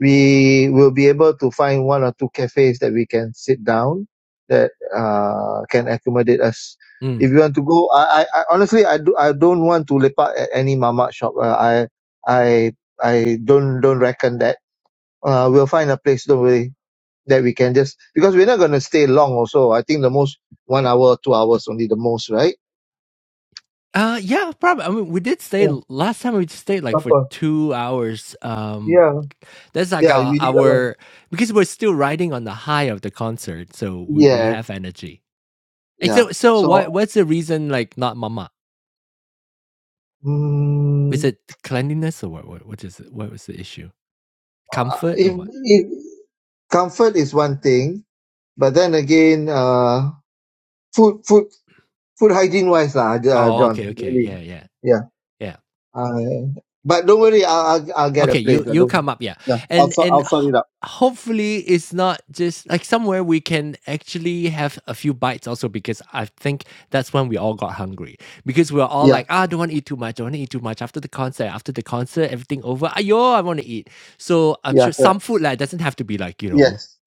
we will be able to find one or two cafes that we can sit down that uh, can accommodate us. Mm. If you want to go, I, I, I honestly I do I don't want to lepak at any mama shop. Uh, I I I don't don't reckon that. Uh, we'll find a place don't worry that we can just because we're not gonna stay long. Also, I think the most one hour, two hours only the most, right? Uh, yeah, probably. I mean, we did stay Yeah, last time. We stayed like for proper. two hours. Um, Yeah, That's like yeah, our, we did that one. our because we're still riding on the high of the concert, so we, we Yeah, have energy. Eh, yeah. So so So, what what's the reason like not mama? Is mm, it cleanliness or what what, what is it? what was the issue? Comfort or if, what? if comfort is one thing, but then again, uh, food, food, food hygiene wise, lah, uh, Oh John. okay okay Really, yeah yeah yeah. yeah. Uh, but don't worry, I'll, I'll, I'll get a Okay, you place. lah, you don't. come up, yeah, Yeah, I'll, and sort- and I'll sort ho- it out. hopefully it's not just like somewhere we can actually have a few bites also because I think that's when we all got hungry because we are all like Yeah, ah don't want to eat too much don't want to eat too much after the concert after the concert everything over ayo I want to eat so I'm yeah, sure some correct. food like doesn't have to be like you know Yes,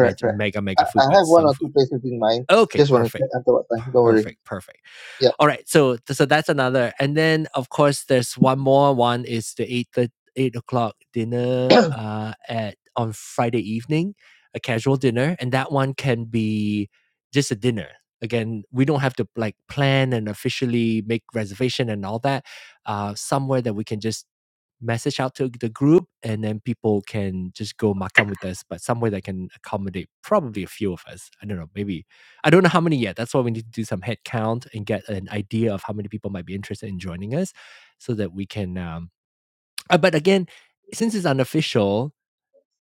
me- correct. mega I, mega food I but have one some or two food places in mind. okay Just want to perfect check until what time. Don't worry. perfect perfect Yeah. all right, so so that's another, and then of course there's one more. One is the eight thir- eight o'clock dinner uh, at on Friday evening, a casual dinner, and that one can be just a dinner. Again, we don't have to like plan and officially make reservation and all that. Uh, somewhere that we can just message out to the group, and then people can just go makan with us. But somewhere that can accommodate probably a few of us. I don't know, maybe I don't know how many yet. That's why we need to do some head count and get an idea of how many people might be interested in joining us so that we can. Um, uh, but again, since it's unofficial,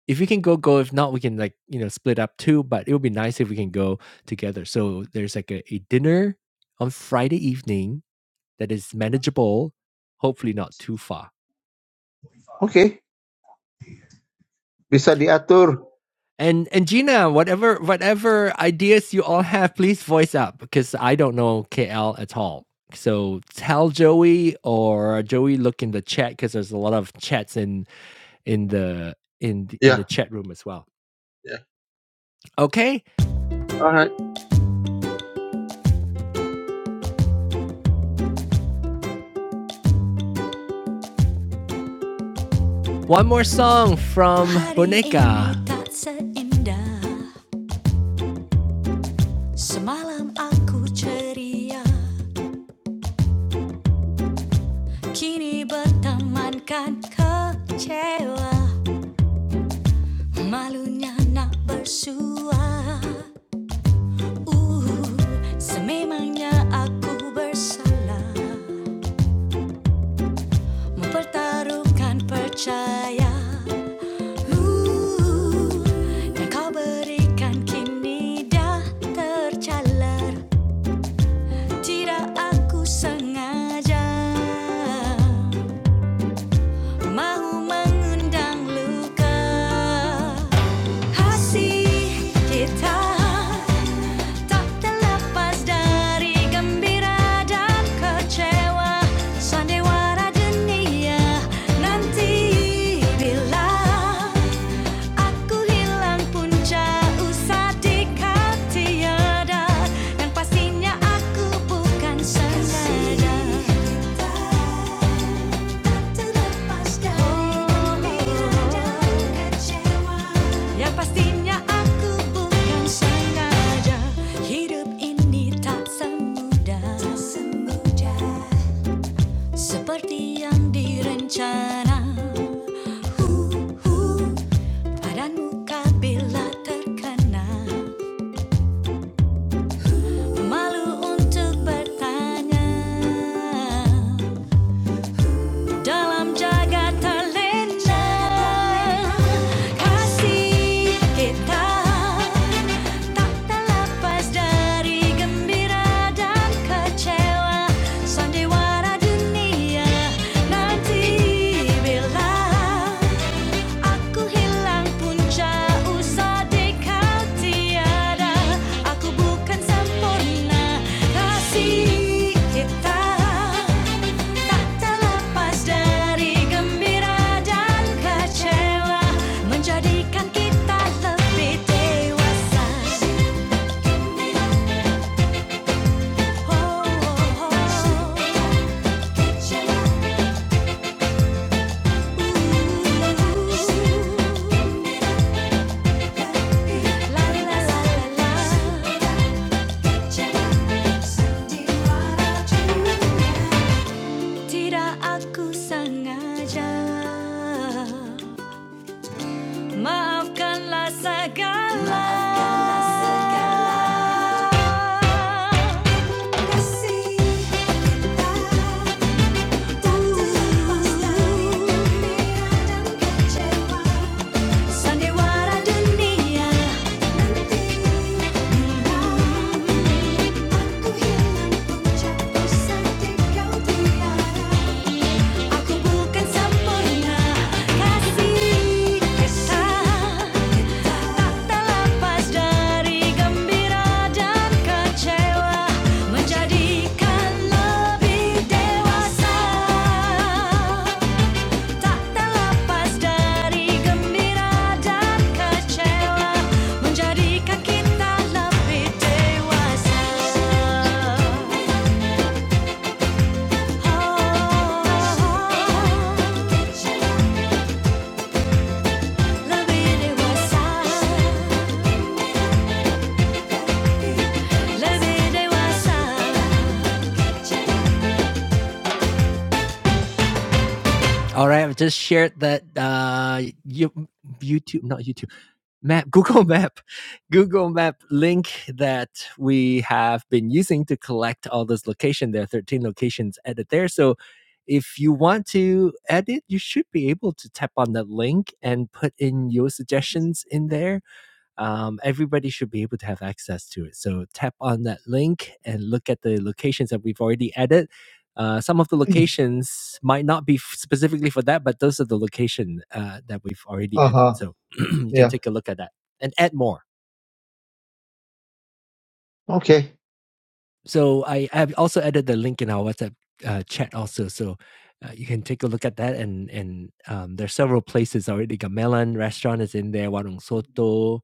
if we can go, go. If not, we can like, you know, split up too. But it would be nice if we can go together. So there's like a, a dinner on Friday evening that is manageable, hopefully not too far. Okay. Bisa diatur. And and Gina, whatever whatever ideas you all have, please voice up because I don't know KL at all. So tell Joey or Joey look in the chat because there's a lot of chats in in the in the- in the Yeah. chat room as well. Yeah. Okay, All right. one more song from Boneka. Semalam aku ceria Kini bertemankan kecewa Malunya nak bersua Uh, sememangnya aku bersalah Mempertaruhkan percaya Uh, yang kau berikan kini dah tercalar Tidak aku sengaja Mahu mengundang luka Kasih kita Tak terlepas dari gembira dan kecewa Sandiwara dunia nanti bila Aku hilang punca usah dikau tiada Dan pastinya aku bukan sengaja Yang pastinya aku bukan sengaja Hidup ini tak semudah Seperti yang direncana Badanmu bila terkena Malu untuk bertanya dalam jagat terlena kasih kita tak terlepas dari gembira dan kecewa sandiwara dunia nanti bila aku hilang punca usah dekat tiada aku bukan sempurna kasih kita Tak terlepas dari gembira dan kecewa Menjadikan kita lebih dewasa Oh, oh, oh la la la la Tidak aku sengaja Maafkanlah segala. Kasih datang lepas dan kecewa Sandiwara dunia Nanti aku hilang puncak ku sedih kau tiada Aku bukan sempurna, kasih kesal. Tak terlepas dari gembira dan kecewa, menjadikan lebih dewasa. Tak terlepas dari gembira dan kecewa, menjadikan kita lebih dewasa. Oh. All right, I've just shared that uh you YouTube not YouTube map Google Map Google Map link that we have been using to collect all those locations. There are 13 locations added there. So if you want to edit, you should be able to tap on that link and put in your suggestions in there um, everybody should be able to have access to it. So tap on that link and look at the locations that we've already added. Uh, some of the locations might not be f- specifically for that, but those are the location uh, that we've already Uh added. huh. So you can Yeah. take a look at that and add more. Okay. So I have also added the link in our WhatsApp uh, chat also, so uh, you can take a look at that. And and um, there are several places already. Gamelan restaurant is in there. Warung Soto,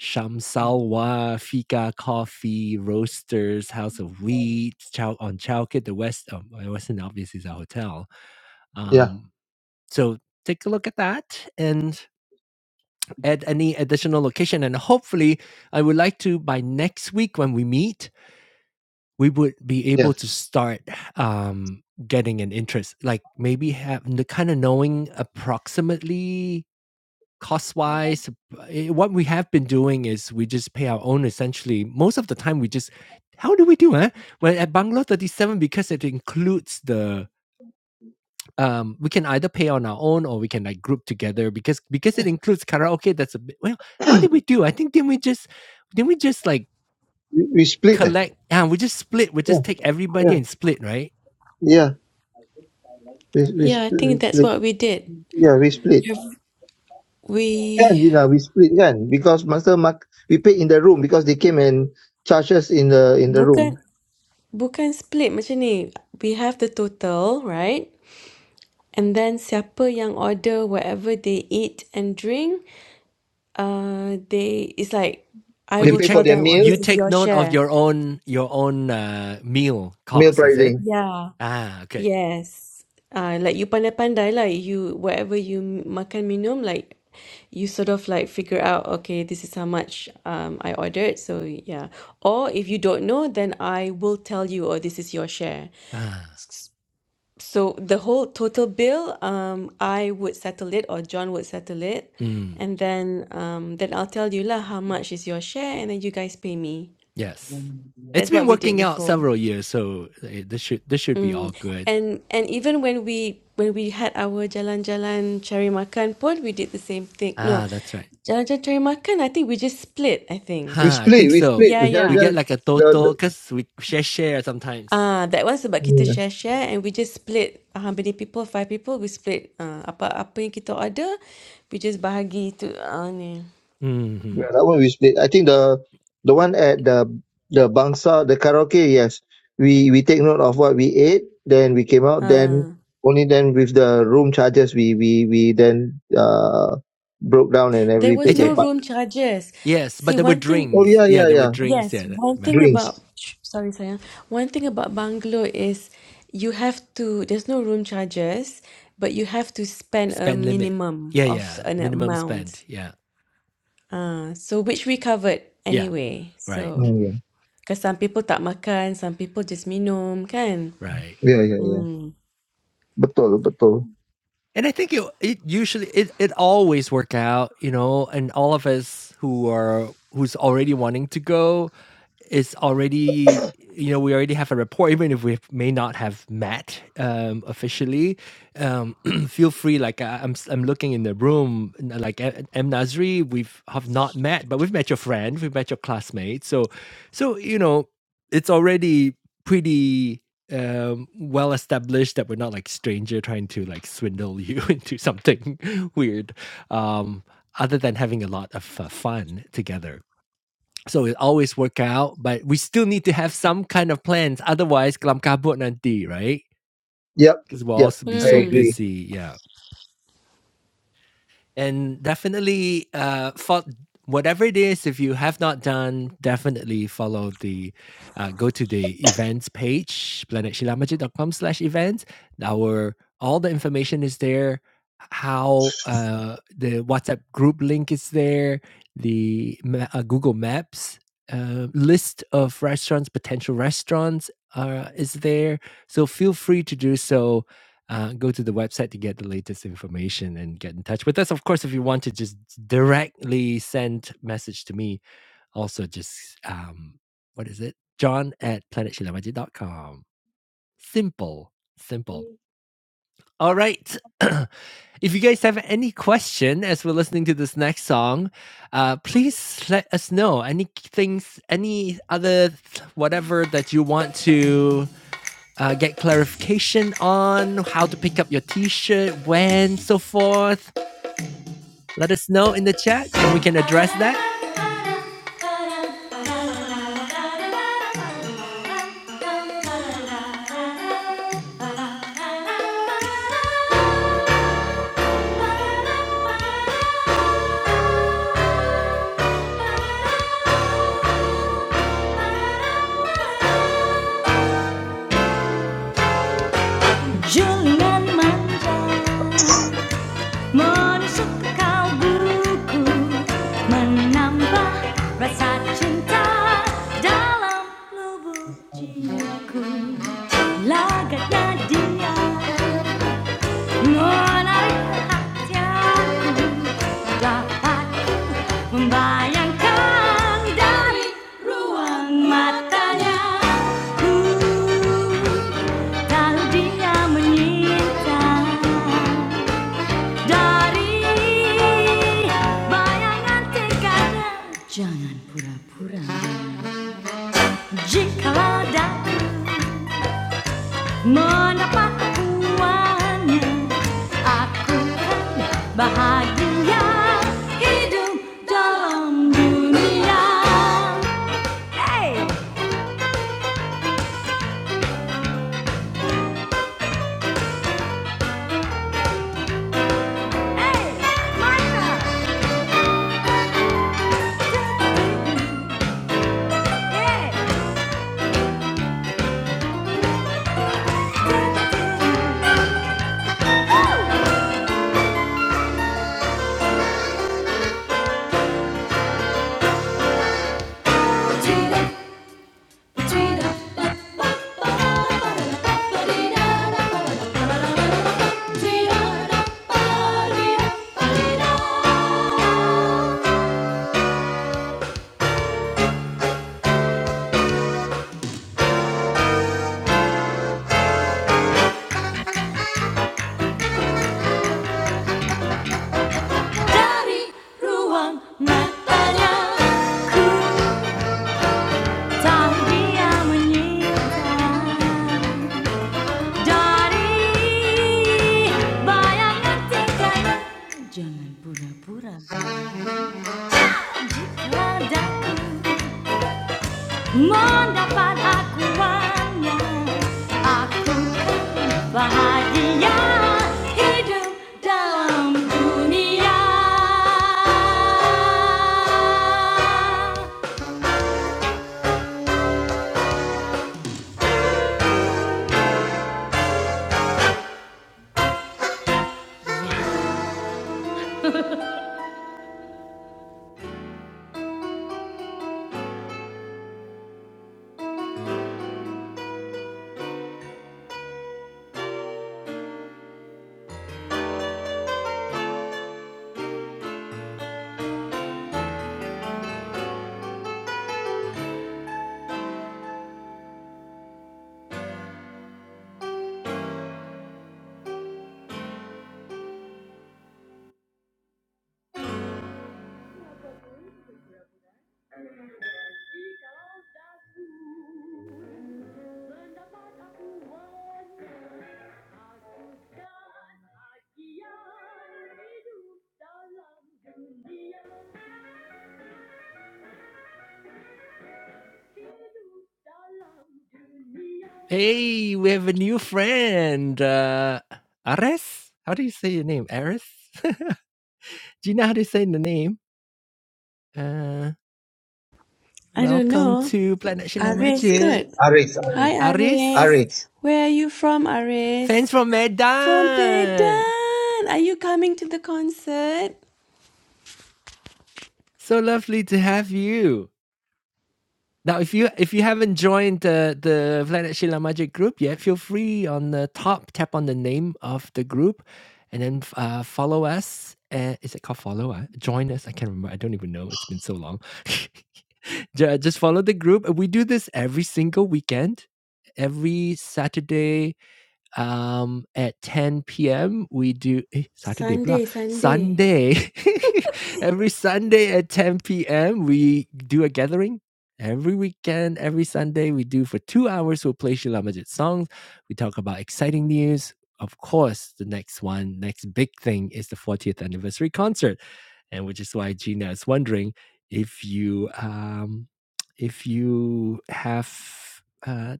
Shamsalwa, Fika Coffee, Roasters, House of Wheat, Chow on Chowkit, the West. Um, the Western obviously is a hotel. Yeah. Um, so take a look at that and add any additional location. And hopefully, I would like to by next week when we meet we would be Yeah. able to start um, getting an interest, like maybe have the kind of knowing approximately cost wise. What we have been doing is we just pay our own essentially. Most of the time, we just how do we do it? Well, at Bungalow 37, because it includes the um, we can either pay on our own or we can like group together because because it includes karaoke. That's a bit well. How did we do? I think then we just then we just like We, we split. Eh? collect and we just split. We Yeah. just take everybody Yeah. and split, right? Yeah. We, we, Yeah, I split, we think that's split. what we did. Yeah. We split. Have- Kan We Gina, we split kan because master mark we paid in the room because they came and charged us in the in the room. bukan bukan split macam ni. We have the total, right? And then siapa yang order whatever they eat and drink, uh, they it's like Oh, I They you will pay for tell check. their them, oh, meal this You is take your note of share. your own your own uh, meal meal cost. Is it? pricing. Yeah. Ah, okay. Yes. Uh, like you pandai-pandai lah. You whatever you m- makan minum, like you sort of like figure out, okay, this is how much um I ordered. So yeah. Or if you don't know, then I will tell you, or this is your share. Ah, So the whole total bill, um, I would settle it, or John would settle it, mm, and then um, then I'll tell you lah how much is your share, and then you guys pay me. yes. It's That's been what we did working out before. several years, so eh, this should this should be Mm. all good. And and even when we when we had our jalan-jalan cari makan pun we did the same thing. No, Ah, that's right. jalan-jalan cari makan I think we just split I think. We Huh, I think split, we so. split. Yeah, The jalan We yeah. jalan get like a the total the because we share share sometimes. Ah, that was sebab kita hmm, share-share and we just split uh, how many people, five people, we split uh, apa apa yang kita order, we just bahagi to uh, ni. Mm-hmm. yeah, that one we split. I think the the one at the the bangsa the karaoke yes. We we take note of what we ate, then we came out. Then Ah, only then with the room charges we we we then uh broke down and there every was paid their no Okay. part. room charges. Yes, but See, there were one thing Oh drinks. yeah Yeah, yeah there were yeah drinks. Yeah, Yes, that, one but thing drinks. about sorry, Sayang. One thing about bungalow is you have to there's no room charges, but you have to spend a spend limit. minimum Yeah, of yeah. an Minimum spend. amount. Yeah, Uh, so which we covered yeah. anyway. So Right, Oh yeah. because some people tak makan, some people just minum, kan? right. Ya, ya, ya. Betul, betul. And I think it it usually it it always work out, you know, and all of us who are who's already wanting to go is already you know, we already have a rapport, even if we may not have met um, officially. Um, feel free, like I, I'm, s- I'm looking in the room, n- like A- M Nazri, we've have not met, but we've met your friend, we've met your classmate, so, so you know, it's already pretty um well established that we're not like stranger trying to like swindle you into something weird um other than having a lot of uh, fun together so it always work out but we still need to have some kind of plans otherwise kelam kabut nanti right Yep, because we'll yep. also be so I agree. Hmm. busy yeah and definitely uh fo- whatever it is if you have not done definitely follow the uh, go to the events page planetshilamajit.com slash events our all the information is there how uh, the whatsapp group link is there the ma- uh, google maps uh, list of restaurants potential restaurants uh, is there so feel free to do so uh, go to the website to get the latest information and get in touch with us. Of course, if you want to just directly send message to me, also just um, what is it? John at planet shila majid dot com. Simple, simple. All right. if you guys have any question as we're listening to this next song, uh, please let us know any things, any other whatever that you want to uh, get clarification on how to pick up your t shirt, when, so forth, let us know in the chat and we can address that. Julian Manja. Menusuk ke kau buku Menambah rasa cinta Dalam lubuk jiwaku Lagaknya dia Menarik perhatianku Dapat membayangkan Dari ruang matanya Ku tahu dia menyinta Dari bayangan tekadnya Jangan pura-pura Jikalau dapat mendapat puannya Aku akan bahagia Hidup dalam dunia Hey, hey, Martha, hey Tweedle, 자리로왕 나타냐 구장비야 문이다 자리 bayang nantikan jangan pura-pura jika daku mendapat akuannya aku bahagia hidup dalam dunia Hey, we have a new friend. Uh, Ares? How do you say your name? Ares? do you know how to say the name? Uh, I don't welcome know. to Planet Shila Aris, Majid. It's good. Aris, Aris. Hi, Aris. Aris, Aris. Where are you from, Aris? fans from From Medan. Medan. Are you coming to the concert? So lovely to have you. Now, if you if you haven't joined the the Planet Shila Majid group yet, feel free on the top tap on the name of the group, and then uh, follow us. Uh, is it called follow? Uh, join us. I can't remember. I don't even know. It's been so long. Ju- just follow the group. We do this every single weekend. Every Saturday um, at 10 p.m. we do eh, Saturday blah Sunday, Sunday. Sunday. every Sunday at 10 p.m. we do a gathering. Every weekend, every Sunday we do for two hours. We'll play Sheila Majid songs. We talk about exciting news. Of course, the next one, next big thing is the 40th anniversary concert and which is why Gina is wondering if you um, if you have uh,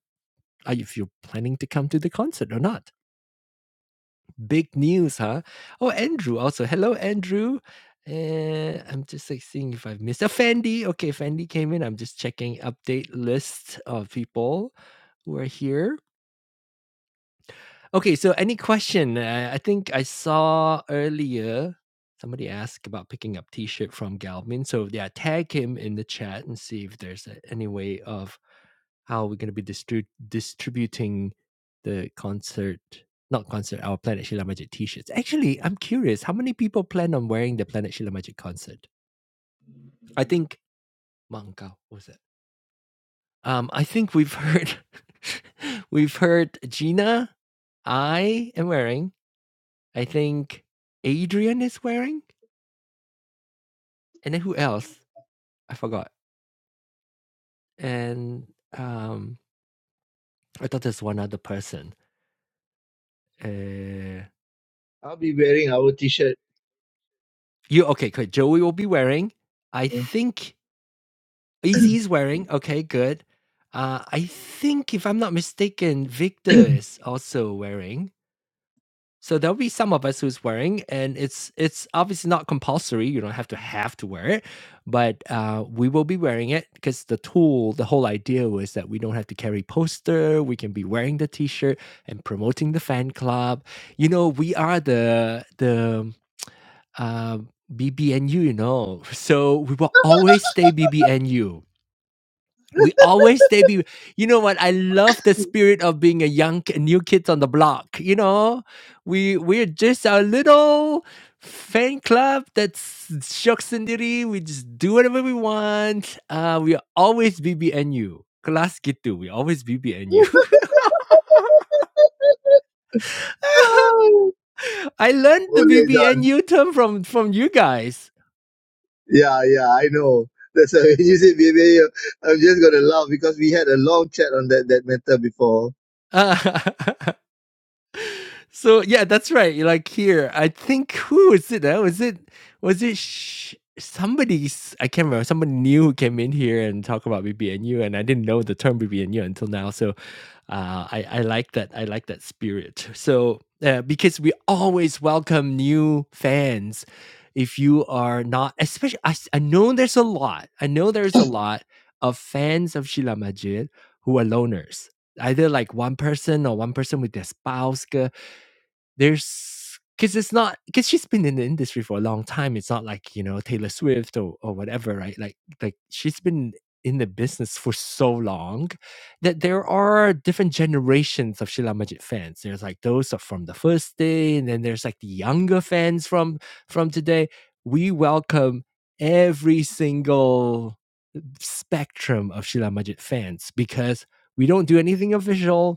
uh, if you're planning to come to the concert or not. Big news, huh? Oh, Andrew also. Hello, Andrew. Uh, I'm just like seeing if I've missed a Fendi. Okay, Fendi came in. I'm just checking update list of people who are here. Okay, so any question? Uh, I think I saw earlier somebody asked about picking up T-shirt from Galvin. So yeah, tag him in the chat and see if there's a, any way of how we're going to be distri- distributing the concert, not concert, our Planet Shila Magic T-shirts. Actually, I'm curious, how many people plan on wearing the Planet Shila Magic concert? I think Mangkao was it. Um, I think we've heard, we've heard Gina. I am wearing. I think Adrian is wearing, and then who else? I forgot. And um, I thought there's one other person. Uh, I'll be wearing our t-shirt. you okay? Good. Joey will be wearing. I think Izzy is wearing. Okay, good. Uh, I think if I'm not mistaken, Victor is also wearing. So there'll be some of us who's wearing, and it's it's obviously not compulsory. You don't have to have to wear it, but uh, we will be wearing it because the tool, the whole idea was that we don't have to carry poster. We can be wearing the T-shirt and promoting the fan club. You know, we are the the um, uh, BBNU. You know, so we will always stay BBNU we always stay be you know what? I love the spirit of being a young ki- new kids on the block, you know? We we're just a little fan club that's shock sendiri. We just do whatever we want. Uh we are always BBNU. Kelas gitu. We always BBNU. Yeah. Oh, I learned the Only done. BBNU term from from you guys. Yeah, yeah, I know. That's why when you say baby, I'm just going to laugh because we had a long chat on that, that matter before. so yeah, that's right. Like here, I think who is it? Now is it was it sh- somebody? I I can't remember. Somebody new who came in here and talk about BBNU, and I didn't know the term BBNU until now. So uh, I I like that. I like that spirit. So uh, because we always welcome new fans. If you are not, especially, I, s- I know there's a lot. I know there's a lot of fans of Sheila Majid who are loners either like one person or one person with their spouse there's because it's not because she's been in the industry for a long time. It's not like you know Taylor Swift or or whatever, right? Like like she's been in the business for so long that there are different generations of Sheila Majid fans. There's like those are from the first day, and then there's like the younger fans from from today. We welcome every single spectrum of Sheila Majid fans because we don't do anything official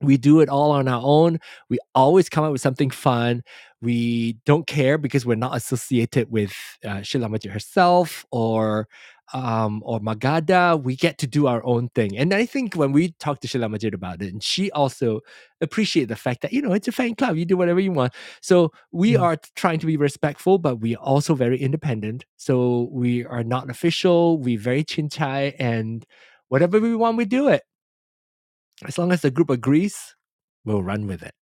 we do it all on our own. We always come up with something fun. We don't care because we're not associated with uh, Shilamati herself or um, or Magada. We get to do our own thing. And I think when we talked to Shilamajit about it, and she also appreciated the fact that, you know, it's a fan club. You do whatever you want. So we Mm, are trying to be respectful, but we are also very independent. So we are not official. We very chinchai and whatever we want, we do it as long as the group agrees, we'll run with it.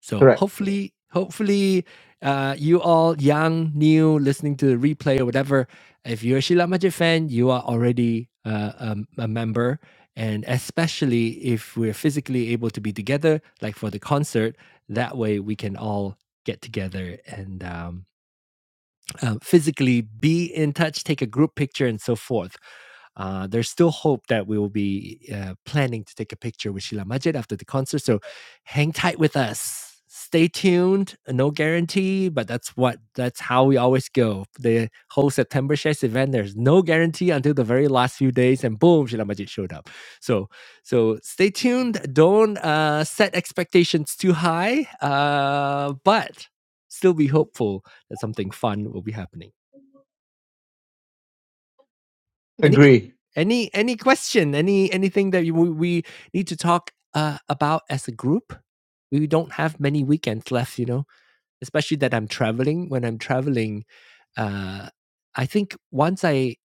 So Correct. hopefully, hopefully, uh, you all young, new, listening to the replay or whatever, if you're a Sheila Majid fan, you are already uh, um, a member. And especially if we're physically able to be together, like for the concert, that way we can all get together and um, uh, physically be in touch, take a group picture, and so forth. Uh, there's still hope that we will be uh, planning to take a picture with Sheila Majid after the concert. So hang tight with us. Stay tuned. No guarantee, but that's what that's how we always go. The whole September Shares event, there's no guarantee until the very last few days, and boom, Sheila Majid showed up. So so stay tuned. Don't uh, set expectations too high, uh, but still be hopeful that something fun will be happening. Any Agree. any any question? Any anything that you, we, need to talk uh, about as a group? We don't have many weekends left, you know. Especially that I'm traveling. When I'm traveling, uh, I think once I,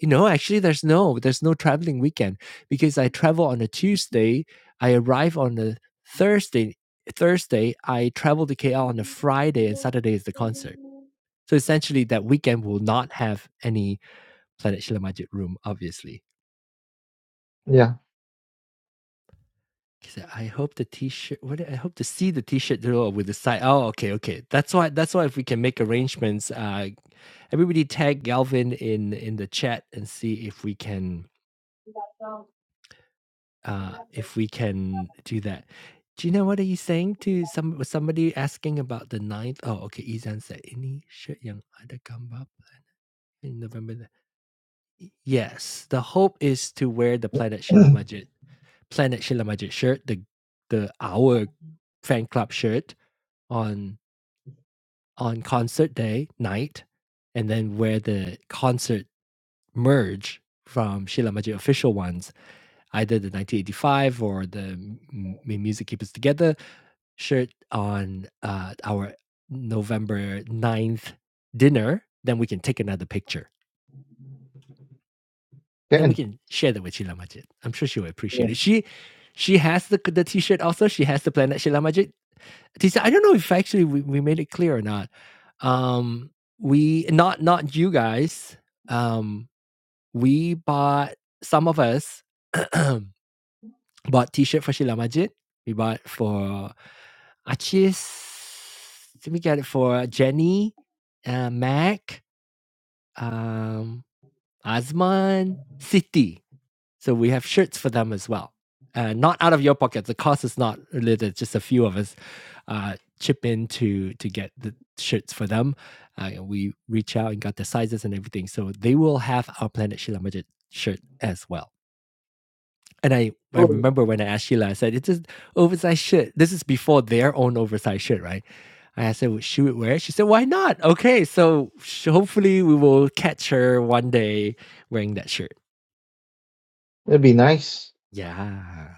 you know, actually there's no there's no traveling weekend because I travel on a Tuesday. I arrive on a Thursday. Thursday, I travel to KL on a Friday, and Saturday is the concert. So essentially, that weekend will not have any Khadaj Majid room, obviously. Yeah, He said, I hope the t-shirt what I hope to see the t-shirt drawer with the side. Oh, okay, okay. That's why that's why if we can make arrangements, uh everybody tag Galvin in in the chat and see if we can uh if we can do that. Do you know what are you saying to some was somebody asking about the ninth? Oh, okay. Izan said, "Any shirt yang ada gambar in November." Yes, the hope is to wear the planet Shilamajit Planet Sheila Majid shirt, the the our fan club shirt on on concert day night, and then wear the concert merge from Sheila Majid official ones, either the 1985 or the M- Music Keep Us Together shirt on uh, our November ninth dinner, then we can take another picture. Then we can. can share that with Sheila Majid. I'm sure she will appreciate Yeah. it. She she has the the t-shirt also. She has the Planet Sheila Majid Did I don't know if actually we, we made it clear or not. Um, we not not you guys. Um, we bought some of us bought T-shirt for Sheila Majid. We bought for Achis. Did we get it for Jenny, uh, Mac, um, Azman, City? So we have shirts for them as well. Uh, not out of your pocket. The cost is not really just a few of us uh, chip in to to get the shirts for them. Uh, we reach out and got the sizes and everything. So they will have our Planet Sheila Majid shirt as well. And I, I Cool. remember when I asked Sheila, I said, it's an oversized shirt. This is before their own oversized shirt, right? I said, would she would wear it? She said, why not? Okay, so hopefully we will catch her one day wearing that shirt. That'd be nice. Yeah.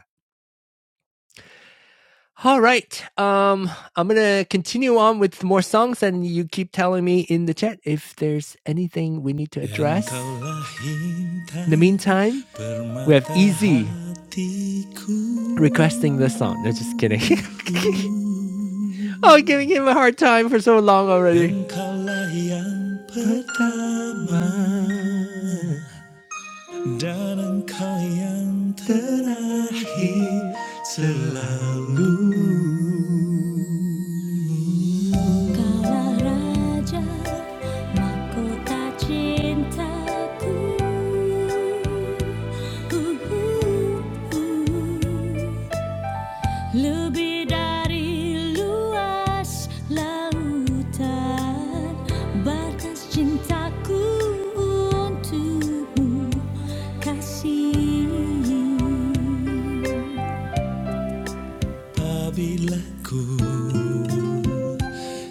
All right. Um, I'm gonna continue on with more songs, and you keep telling me in the chat if there's anything we need to address. In the meantime, we have Easy requesting this song. No, just kidding. oh, giving him a hard time for so long already. Raja mahkota cintaku. Lebih dari luas lautan, batas cintaku untukmu, kasih.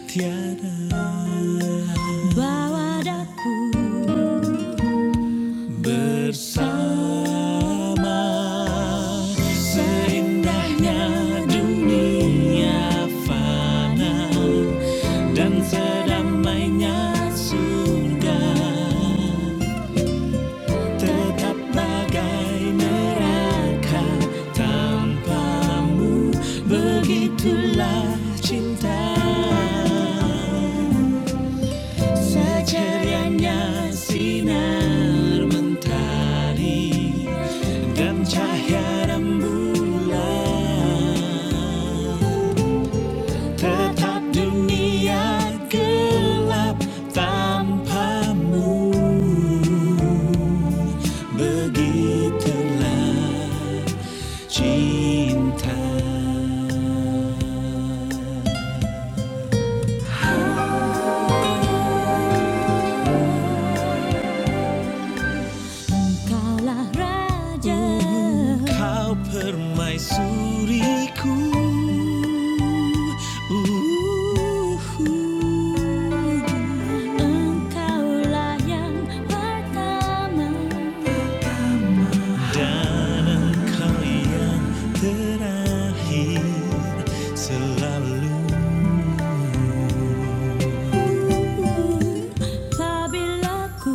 Tiada bawa daku. Seindahnya dunia Tetap dunia gelap tanpamu Begitulah cinta kalah raja Kau permaisuriku Uhuhu. Engkaulah yang pertama Dan engkau yang terakhir Selalu Apabila ku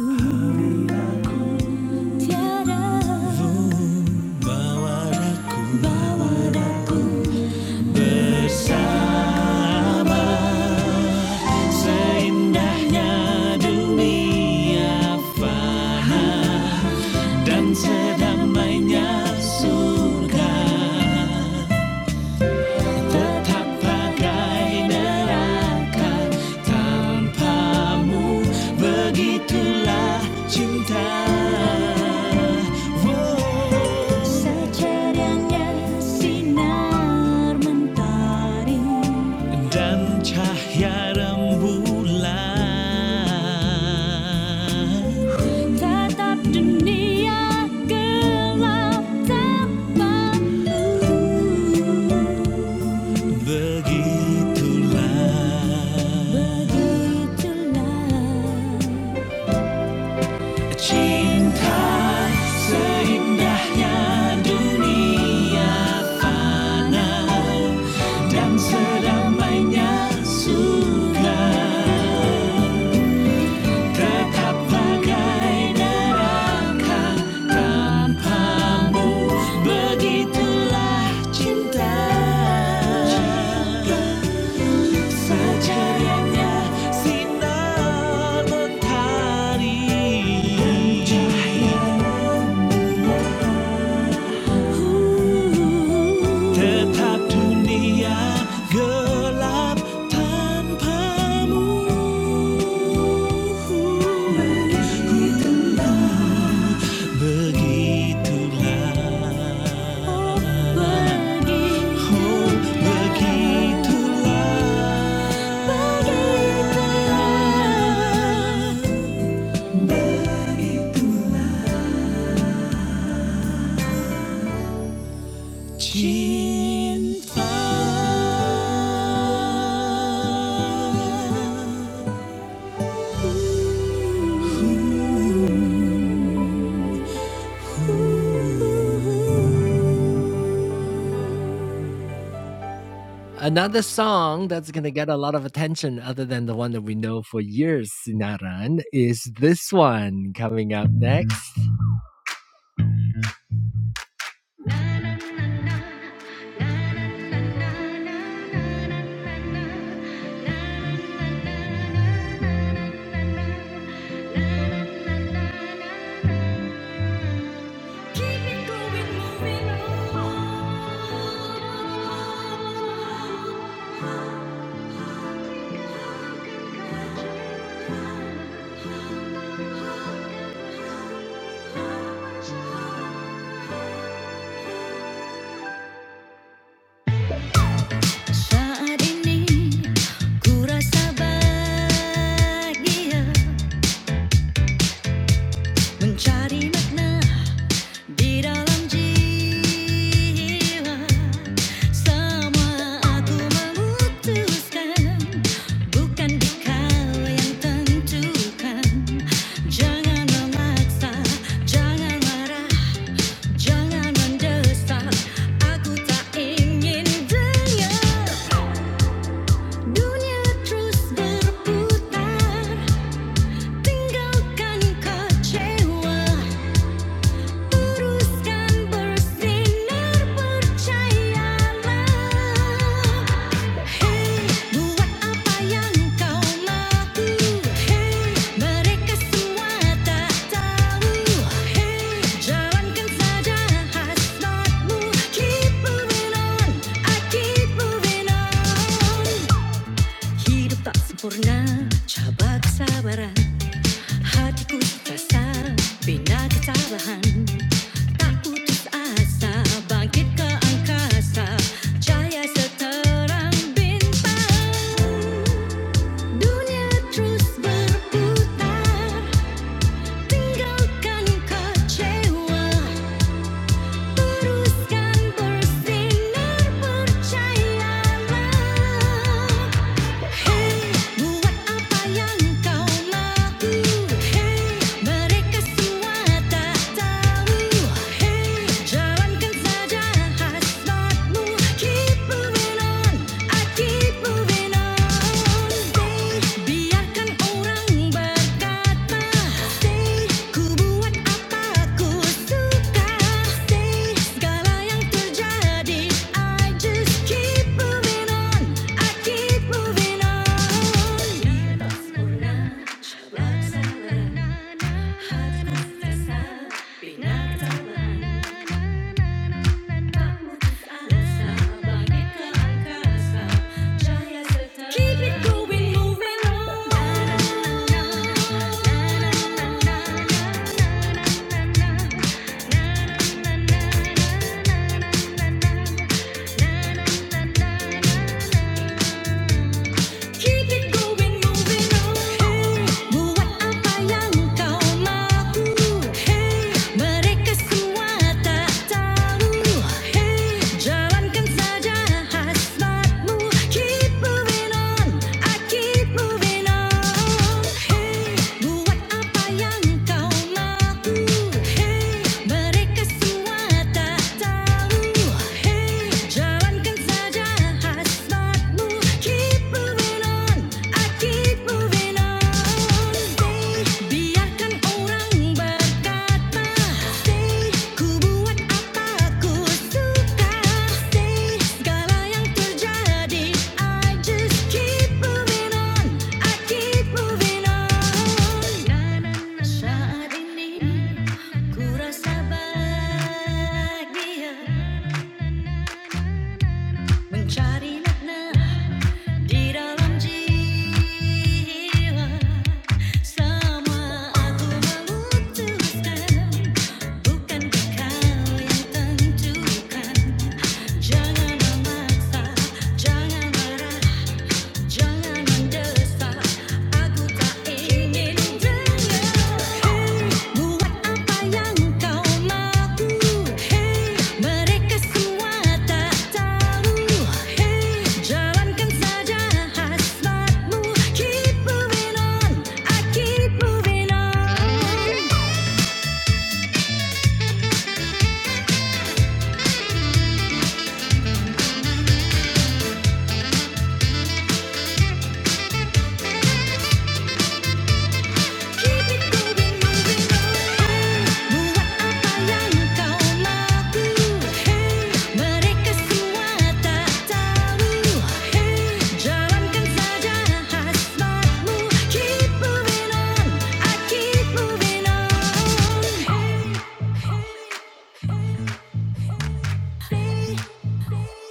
Dunia tertaklahgai neraka Wow. sinar mentari dan cahaya rembulan. Tetap dunia gelap tanpamu begitulah cinta secerahnya sinar mentari tetap dunia gelap tanpamu begitulah oh Another song that's going to get a lot of attention other than the one that we know for years, Sinaran, is this one coming up next. Keep it going, moving on. Saat ini ku rasa bahagia mencari makna di dalam jiwa. Semua aku memutuskan bukan kau yang tentukan. Jangan memaksa, jangan marah. Jangan mendesak, aku tak ingin dengar Hey, buat apa yang kau mahu? Hey, mereka semua tak tahu. Hey, jalankan saja hasratmu. Keep moving on, I keep moving on. Hidup tak sempurna, coba kesabaran Hatiku terasa, bina ketabahan Tak putus asa, bangkit ke angkasa Cahaya seterang bintang Dunia terus berputar, tinggalkan kecewa Tuzkan bersinar percayalah Hei buat apa yang kau mahu Hei mereka semua tak tahu Hei jalankan saja hasratmu Keep moving on, I keep moving on Biarkan orang berkata I just keep moving on I keep moving on Keep it going, moving on. Keep it going, moving on. Hey, buat apa yang kau mahu? Hey, mereka semua tak tahu. Hey, jalankan saja hasratmu. Keep moving on, I keep moving on. Hey, buat apa yang kau mahu? Hey, mereka semua tak tahu. Hey, jalankan saja. Saat ini ku rasa bahagia mencari makna Jangan memaksa, jangan marah Hey, buat apa yang kau mahu. Hey, mereka semua tak tahu. Hey, jalankan saja hasratmu. Keep moving on, I keep moving on. Buat apa yang kau mahu? Mereka semua tak tahu. Jalankan saja hasratmu. Keep moving on, I keep moving on. Hey, hey, hey, hey.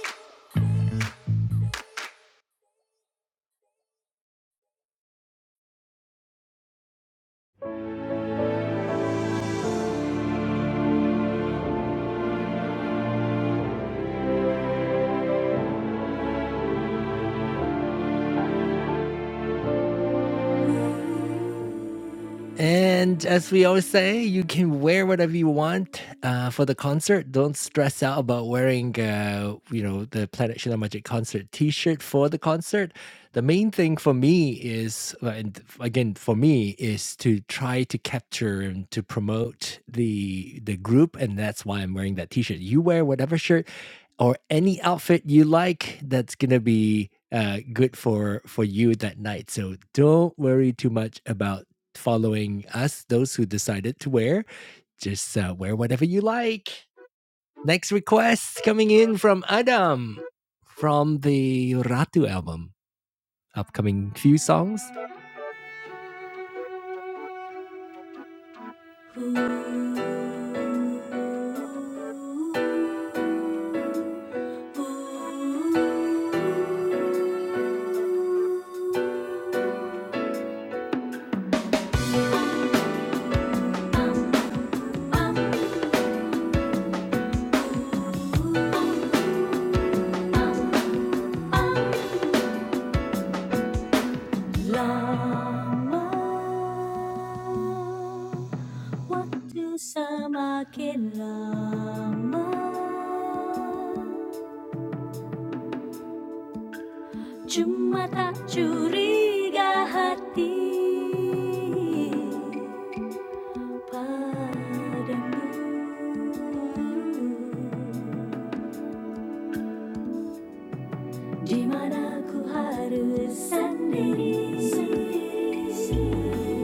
And as we always say, you can wear whatever you want uh, for the concert. Don't stress out about wearing, uh, you know, the Planet Shila Magic concert T-shirt for the concert. The main thing for me is, uh, and again for me, is to try to capture and to promote the the group, and that's why I'm wearing that T-shirt. You wear whatever shirt or any outfit you like that's gonna be uh, good for for you that night. So don't worry too much about following us, those who decided to wear. Just uh, wear whatever you like. Next request coming in from Adam from the Ratu album. Upcoming few songs. semakin lama Cuma tak curiga hati Di mana ku harus sendiri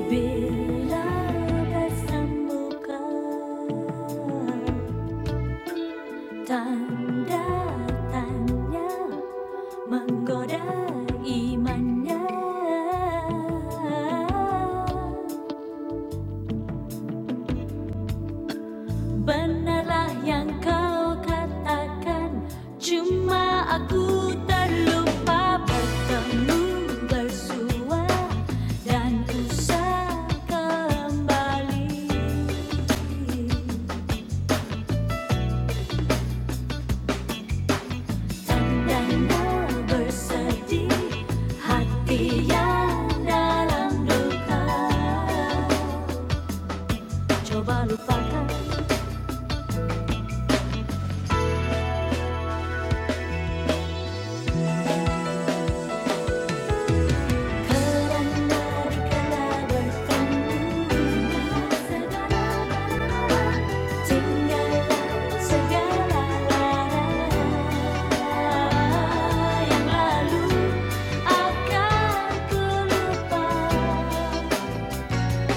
Bila bertemu kau Tanda tanya menggoda imannya Benarlah yang kau katakan Cuma aku terlupa bertemu bersua Dan usah kembali Tandanya bersedih Hati yang dalam duka Coba lupakan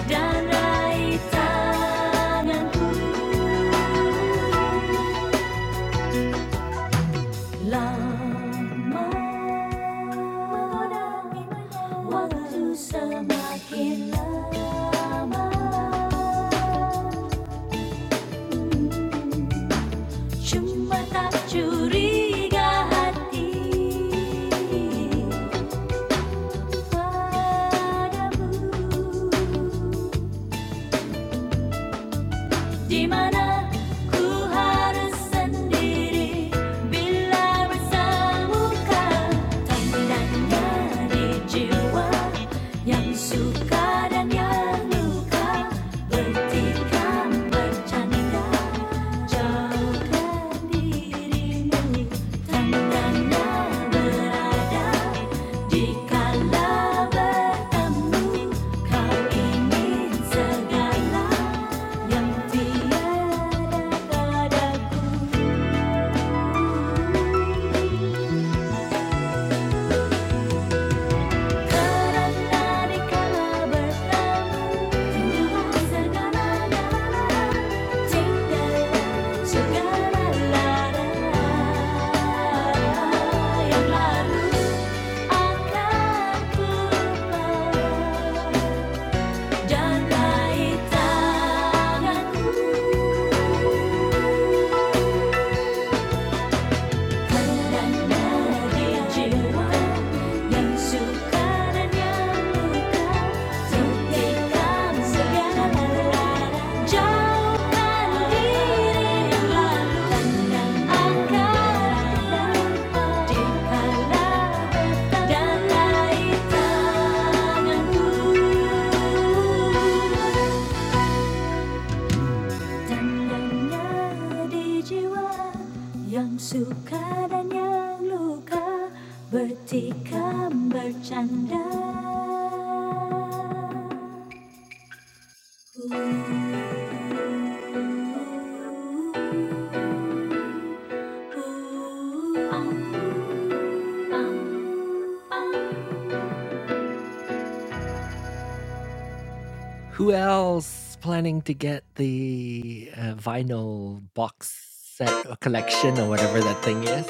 Dan raih tanganku Lama, waktu semakin lama Cuma tak curiga hati padamu Dimana ku harus sendiri bila bersemuka tandanya di jiwa yang suka dan yang luka bertikam bercanda jauhkan dirimu tandanya berada di kala bertemu kau ingin segala yang tiada padaku karena dikala bertemu tinggalkan segala galanya tinggalkan yang lalu akan ku lupa dan Jauhkan diri yang lalu, jauhkan diri yang lalu, di halaman lain tanganku. Tandanya di jiwa yang suka dan yang luka bertikam bercanda. Who else planning to get the uh, vinyl box set or collection or whatever that thing is?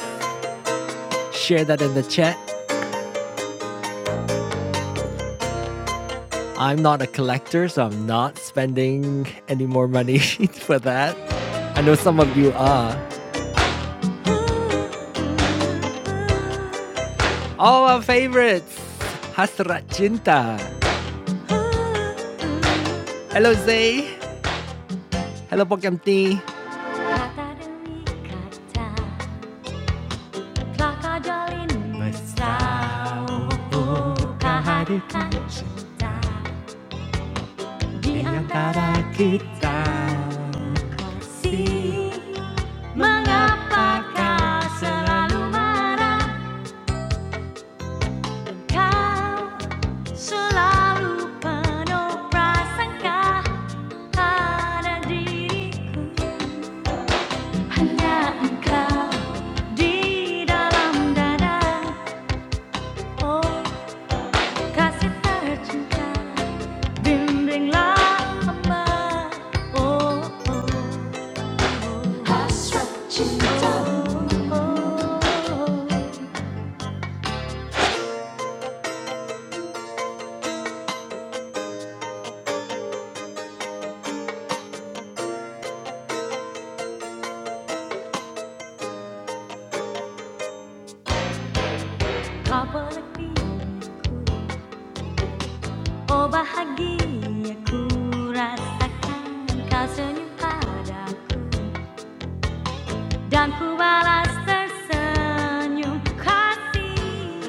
Share that in the chat. I'm not a collector, so I'm not spending any more money for that. I know some of you are. All our favorites! Hasrat Cinta. Hello Zay. Hello Pokemon Di antara kita si Mengapakah selalu marah Kau Selalu penuh prasangka pada diriku Hanya engkau di dalam dada Oh kasih tercinta Bimbinglah hamba Oh oh oh oh Kau berhentiku Oh bahagia ku rasakan kau senyum padaku Dan ku balas tersenyum kasih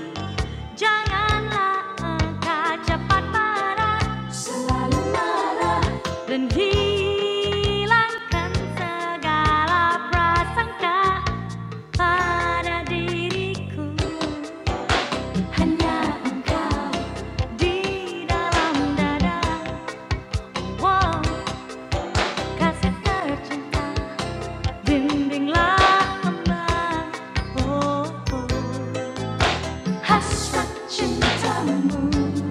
Janganlah engkau cepat marah Selalu marah Dan hilangkan segala prasangka Pada diriku Hanya engkau Di dalam dada Wow, kasih tercinta Bimbinglah hamba Oh, oh 하사춘자문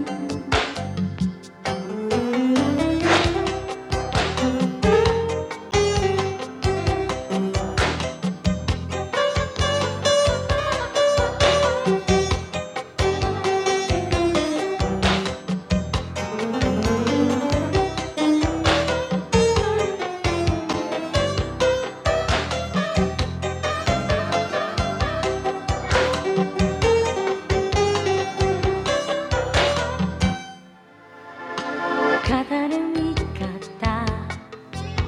가다를 위갔다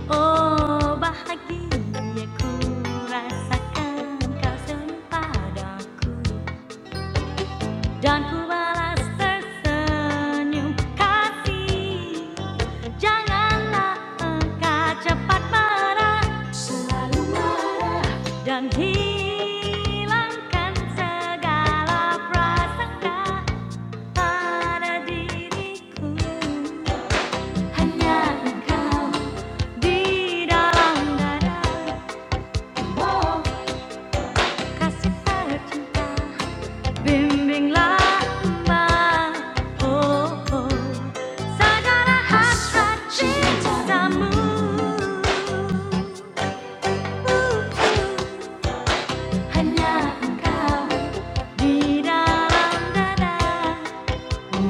오바하기에 kurasakan kau senyum padaku dan ku balas tersenyum kasih janganlah engkau cepat marah dan hilangkan segala prasangka pada diriku oh oh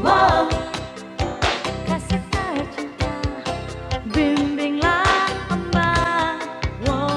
wow wow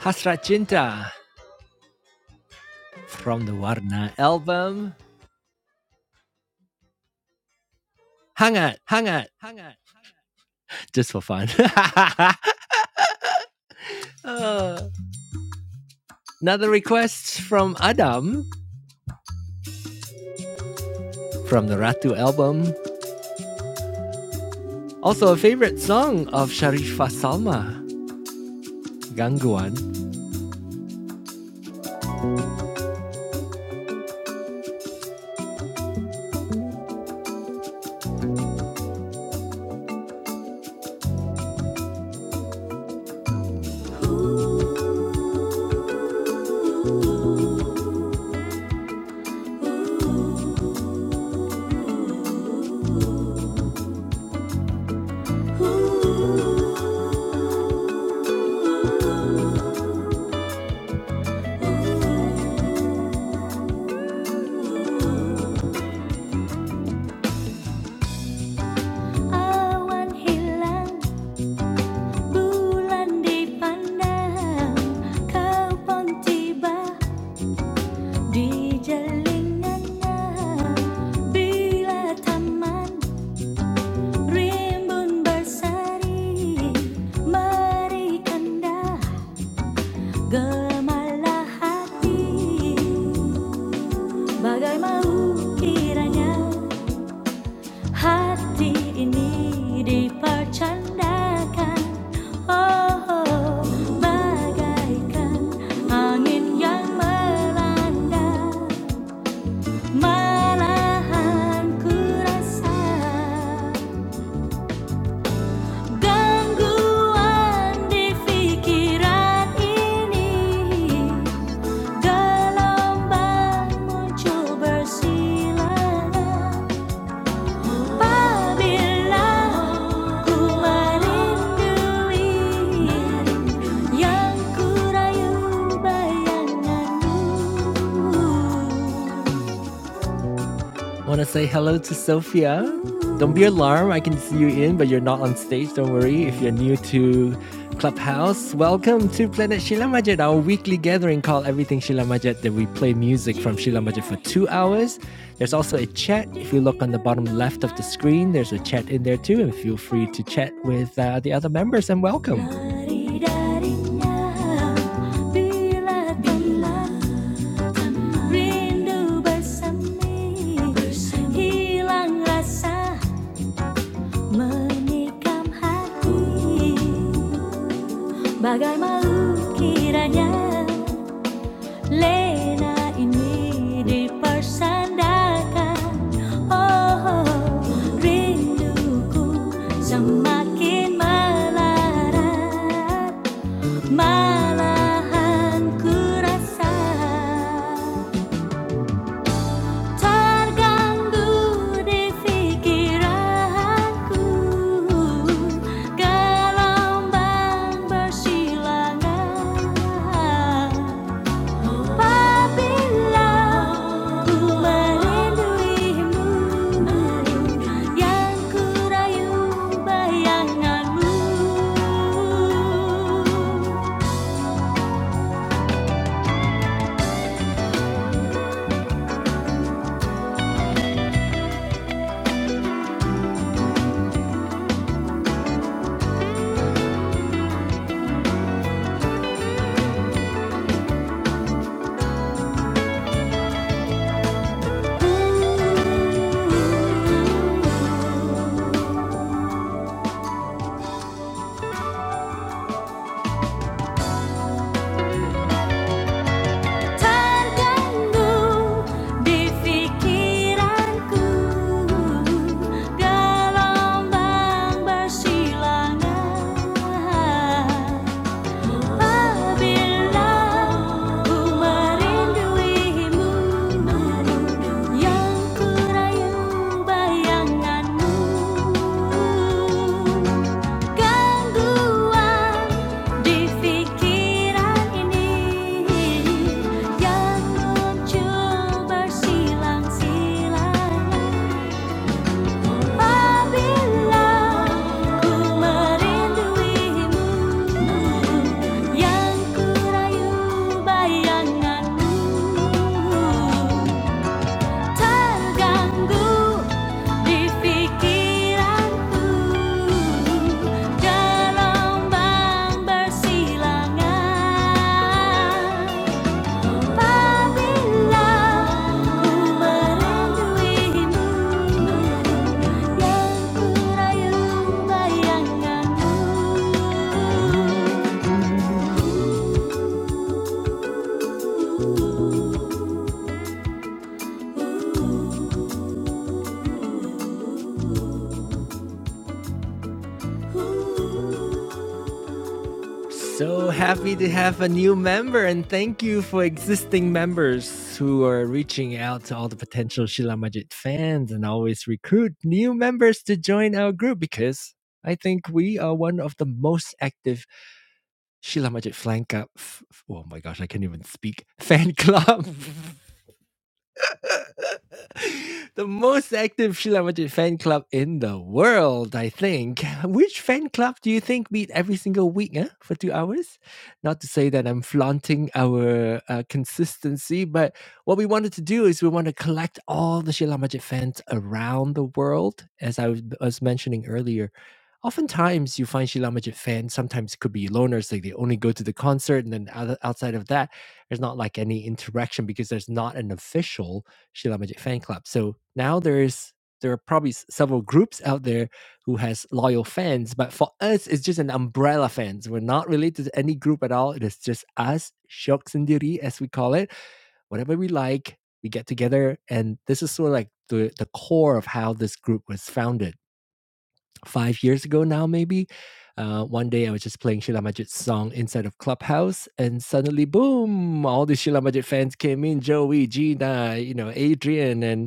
Hasrat Cinta from the Warna album. hang it, hang it, hang it, just for fun. Uh, another request from Adam from the Ratu album. Also, a favorite song of Sharifah Salma, Gangguan. Awan Gemarlah hati, bagai mau kiranya hati ini dipercandakan. Oh, oh, bagaikan angin yang melanda, malahan ku rasa gangguan di pikiran ini. Gelombang muncul bersilang Apabila ku merindui Yang ku rayu bayanganmu Want to say hello to Sophia? Don't be alarmed. I can see you in, but you're not on stage. Don't worry. If you're new to Clubhouse, welcome to Planet Sheila Majid, our weekly gathering called Everything Sheila Majid, that we play music from Sheila Majid for two hours. There's also a chat. If you look on the bottom left of the screen, there's a chat in there too, and feel free to chat with uh, the other members and welcome. Rindu bersemi Hilang rasa Menikam hati Bagai malu kiranya Lena ini dipersandakan Oh, oh, rinduku semakin melarat Malahan ku rasa terganggu di pikiranku gelombang bersilangan apabila ku merinduimu yang ku rayu bayanganmu Terdengung di pikiranku gelombang bersilangan. Apabila ku merinduimu, yang ku rayu bayanganmu. Gangguan di pikiran ini yang muncul bersilang-silang apabila ku merinduimu yang ku rayu bayanganmu terganggu di pikiranku gelombang bersilangan apabila ku merinduimu yang ku rayu bayanganmu So happy to have a new member, and thank you for existing members who are reaching out to all the potential Shila Majid fans and always recruit new members to join our group because I think we are one of the most active Shila Majid flank up. F- oh my gosh, I can't even speak fan club the most active Sheila Majid fan club in the world, I think. Which fan club do you think meet every single week eh, for two hours? Not to say that I'm flaunting our uh, consistency, but what we wanted to do is we want to collect all the Sheila Majid fans around the world, as I was was mentioning earlier. Oftentimes, you find Sheila Majid fans sometimes it could be loners, like they only go to the concert, and then other- outside of that, there's not like any interaction because there's not an official Sheila Magic fan club. So now there's there are probably several groups out there who has loyal fans, but for us, it's just an umbrella fans. We're not related to any group at all. It is just us, Shok Sendiri, as we call it. Whatever we like, we get together, and this is sort of like the the core of how this group was founded five years ago now, maybe. Uh, one day I was just playing Sheila Majid's song inside of Clubhouse, and suddenly, boom, all the Sheila Majid fans came in Joey, Gina, you know, Adrian, and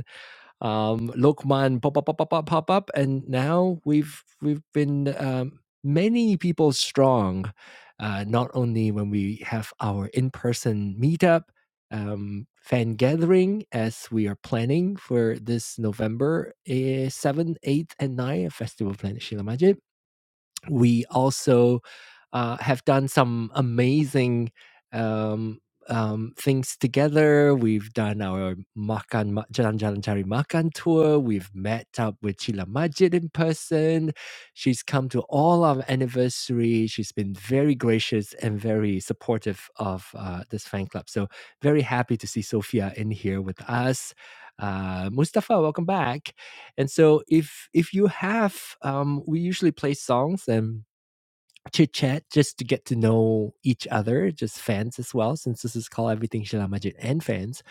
um, Lokman pop up, pop up, pop, pop up, and now we've we've been um, many people strong. Uh, not only when we have our in-person meetup, um, fan gathering as we are planning for this November eh, 7th, 8th, and 9th Festival Planet Shila Majid, we also uh, have done some amazing um, um, things together. We've done our makan Ma- jalan jalan cari makan tour. We've met up with Chila Majid in person. She's come to all our anniversary. She's been very gracious and very supportive of uh, this fan club. So very happy to see Sophia in here with us. Uh, Mustafa, welcome back. And so if if you have, um, we usually play songs and chit chat just to get to know each other, just fans as well. Since this is called Everything Sheila Majid and fans,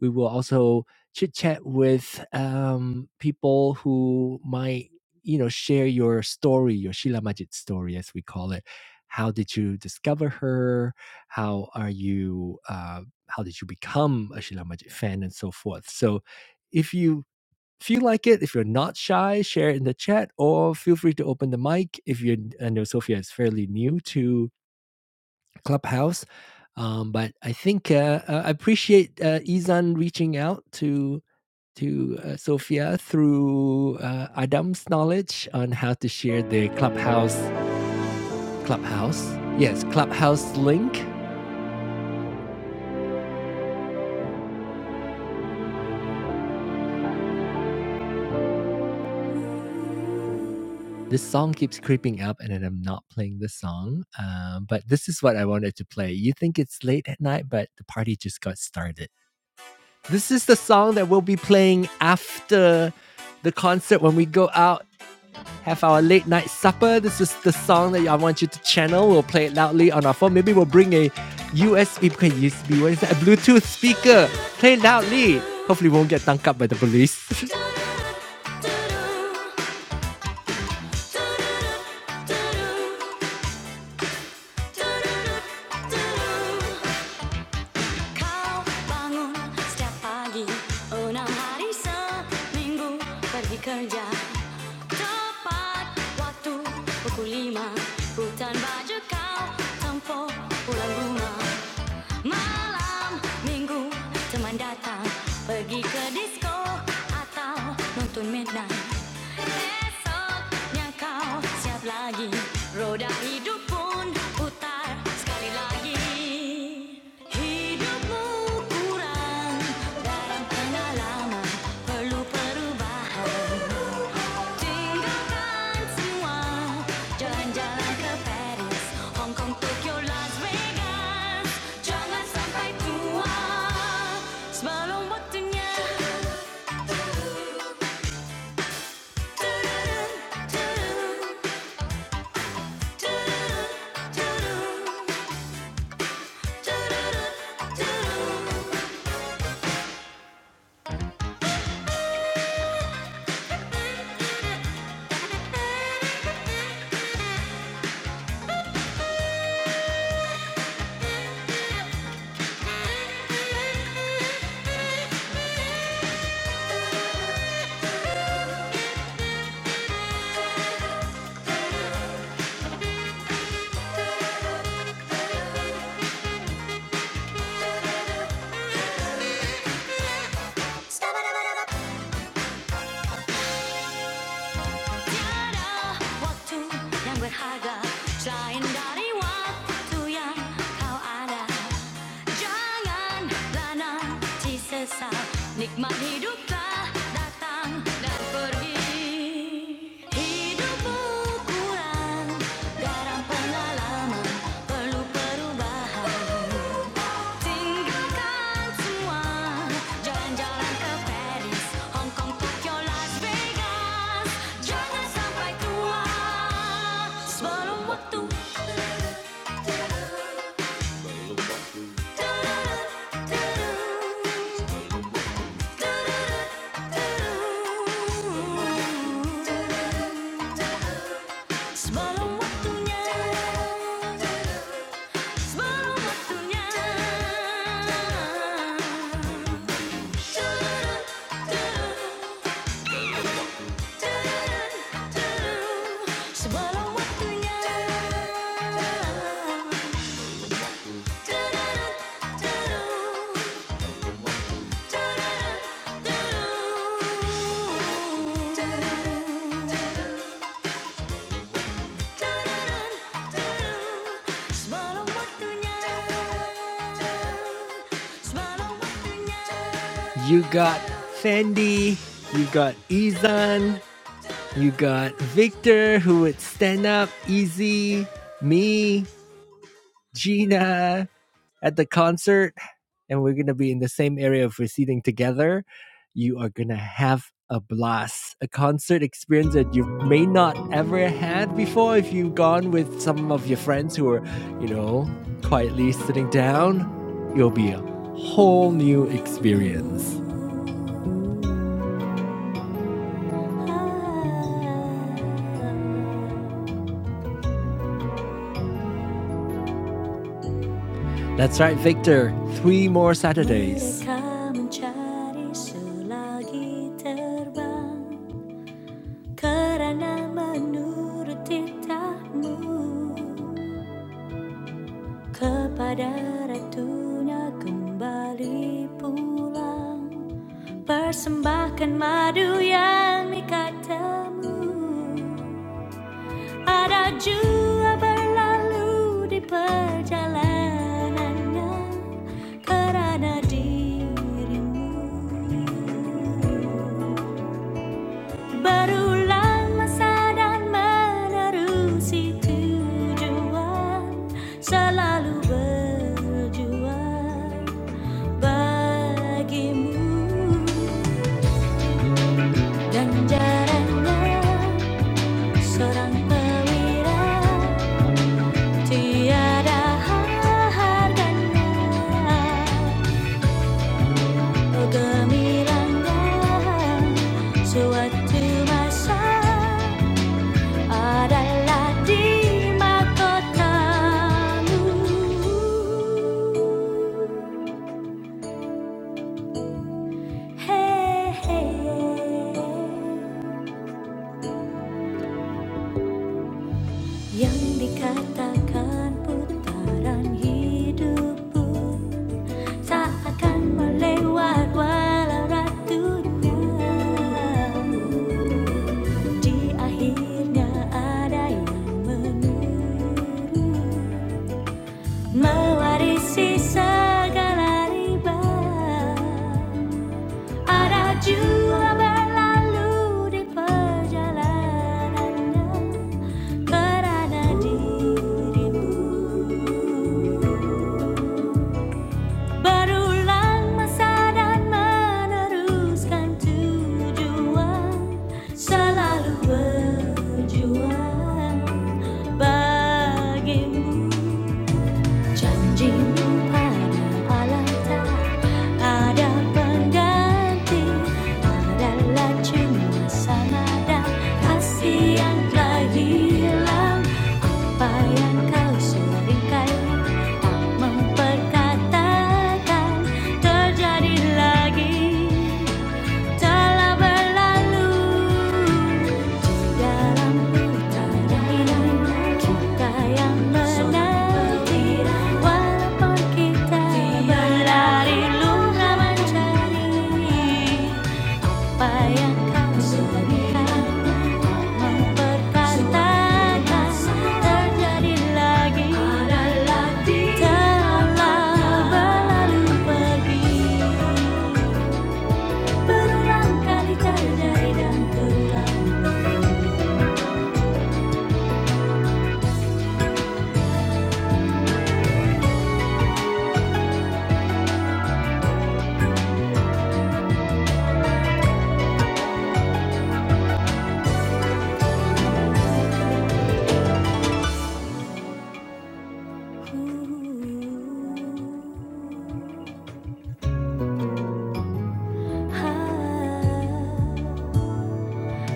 we will also chit chat with um, people who might you know share your story, your Sheila Majid story as we call it. How did you discover her? How are you? Uh, how did you become a Sheila Majid fan and so forth? So if you if you like it, if you're not shy, share it in the chat or feel free to open the mic. If you're, I know Sophia is fairly new to Clubhouse, um, but I think uh, uh, I appreciate uh, Izan reaching out to to uh, Sophia through uh, Adam's knowledge on how to share the Clubhouse Clubhouse. Yes, Clubhouse link. This song keeps creeping up, and then I'm not playing the song. Um, but this is what I wanted to play. You think it's late at night, but the party just got started. This is the song that we'll be playing after the concert when we go out, have our late night supper. This is the song that I want you to channel. We'll play it loudly on our phone. Maybe we'll bring a USB, okay, USB, what is that? A Bluetooth speaker. Play it loudly. Hopefully, we won't get dunked up by the police. kerja Tepat waktu pukul lima Hutan baju kau tempo pulang rumah Malam minggu teman datang Pergi ke disco atau nonton midnight Esoknya kau siap lagi Roda hidup pun putar sekali lagi Hidupmu kurang dalam pengalaman perlu perubahan Tinggalkan semua, jalan-jalan ke Paris, Hong Kong, Tokyo, Las Vegas. Jangan sampai tua sebelum waktunya. Tudurun, tudurun, tudurun, tudurun, tudurun, tudurun. 양괴하가 쌓인 다리와 두양 가와라 jangan lana di sesal nikmat hiduplah datang dan pergi hidupku kurang garam pengalaman perlu perubahan tinggalkan semua jalan-jalan ke Paris, Hong Kong, Tokyo, Las Vegas. Jangan sampai tua sebelum waktu. Du-du-du, du-du. Du-du-du, du-du. Du-du-du, du-du. Semalam waktunya Semalam waktunya Semalam waktunya semalam waktunya. You got Fendi, you got Izan, you got Victor who would stand up easy, me, Gina at the concert and we're going to be in the same area if we're seating together, you are going to have a blast, a concert experience that you may not ever had before if you've gone with some of your friends who are, you know, quietly sitting down. It'll be a whole new experience. That's right, Victor. Three more Saturdays. Karena menurut titahmu Kepada ratunya kembali pulang Persembahkan madu yang nikah temu Ada jua berlalu di perjalanannya Karena dirimu Berulang masa dan menerusi tujuan Selalu berjuang bagimu Dan jarangnya seorang perwira Tiada harganya Oh gemilangnya suatu masa Adalah di mahkotamu. hey hey. hey. Yang dikatakan putaran hidupku Tak akan melewat walau ratunya Di akhirnya ada yang menurut Mewarisi segala riba Araju berlalu di perjalanannya Kerana dirimu Berulang masa dan meneruskan tujuan Selalu berjuang bagimu Janjimu pada Allah tak ada pengganti Adalah cuma samada kasih yang telah hilang Apa yang kau seringkali tak memperkatakan Terjadi lagi telah berlalu Berulang kali terjadi dan terlalu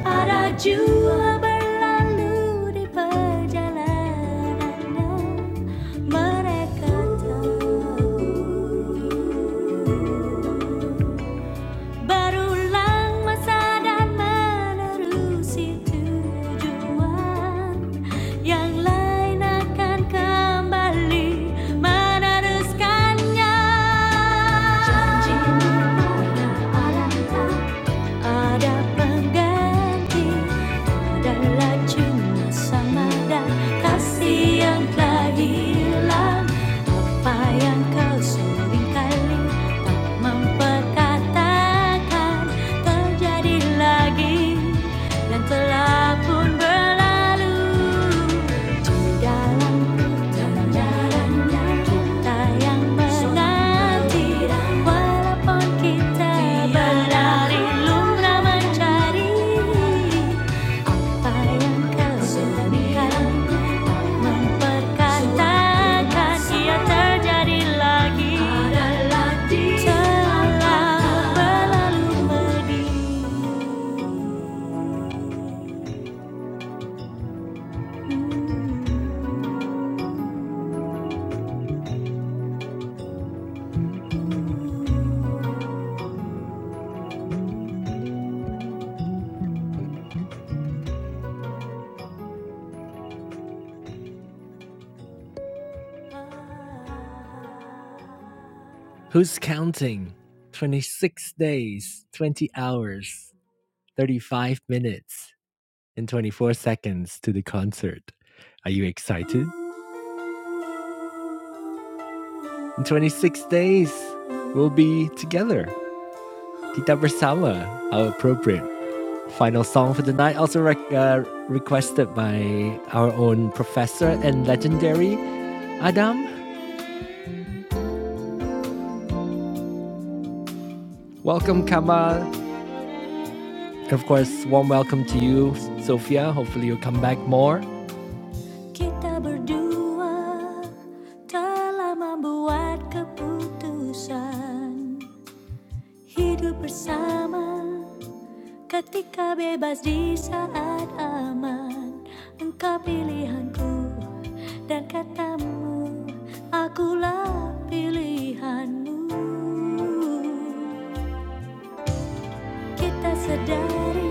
Araju berlalu di perjalanan mereka tahu berulang masa dan menerusi tujuan yang lain akan kembali meneruskannya. Janji ada pengganti Adalah cuma sama dan telah hilang Apa yang kau sering tak memperkatakan Terjadi lagi dan telah pun berlalu Who's counting? 26 days, 20 hours, 35 minutes. and 24 seconds to the concert. Are you excited? In 26 days, we'll be together. Kita bersama. How appropriate. Final song for the night, also rec- uh, requested by our own professor and legendary Adam. Welcome, Kamal. And of course, warm welcome to you, Sophia. Hopefully, you'll come back more. Kita berdua telah membuat keputusan Hidup bersama ketika bebas di saat aman Engkau pilihanku dan katamu Akulah pilihanmu Kita sedari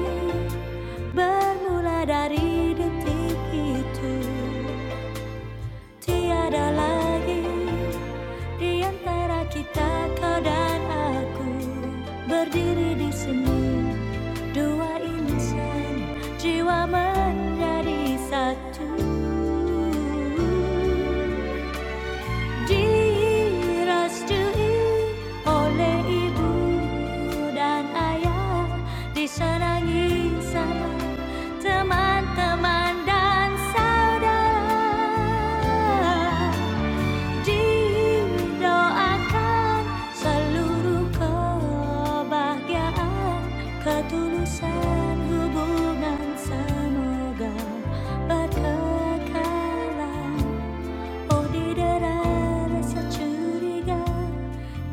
bermula dari detik itu Tiada lagi Di antara kita kau dan aku Berdiri di sini Dua insan Jiwa menjadi satu Direstui oleh ibu dan ayah Disenangi sama teman-teman dan saudara Didoakan seluruh kebahagiaan, ketulusan hubungan semoga berkekalan. Oh didera rasa curiga,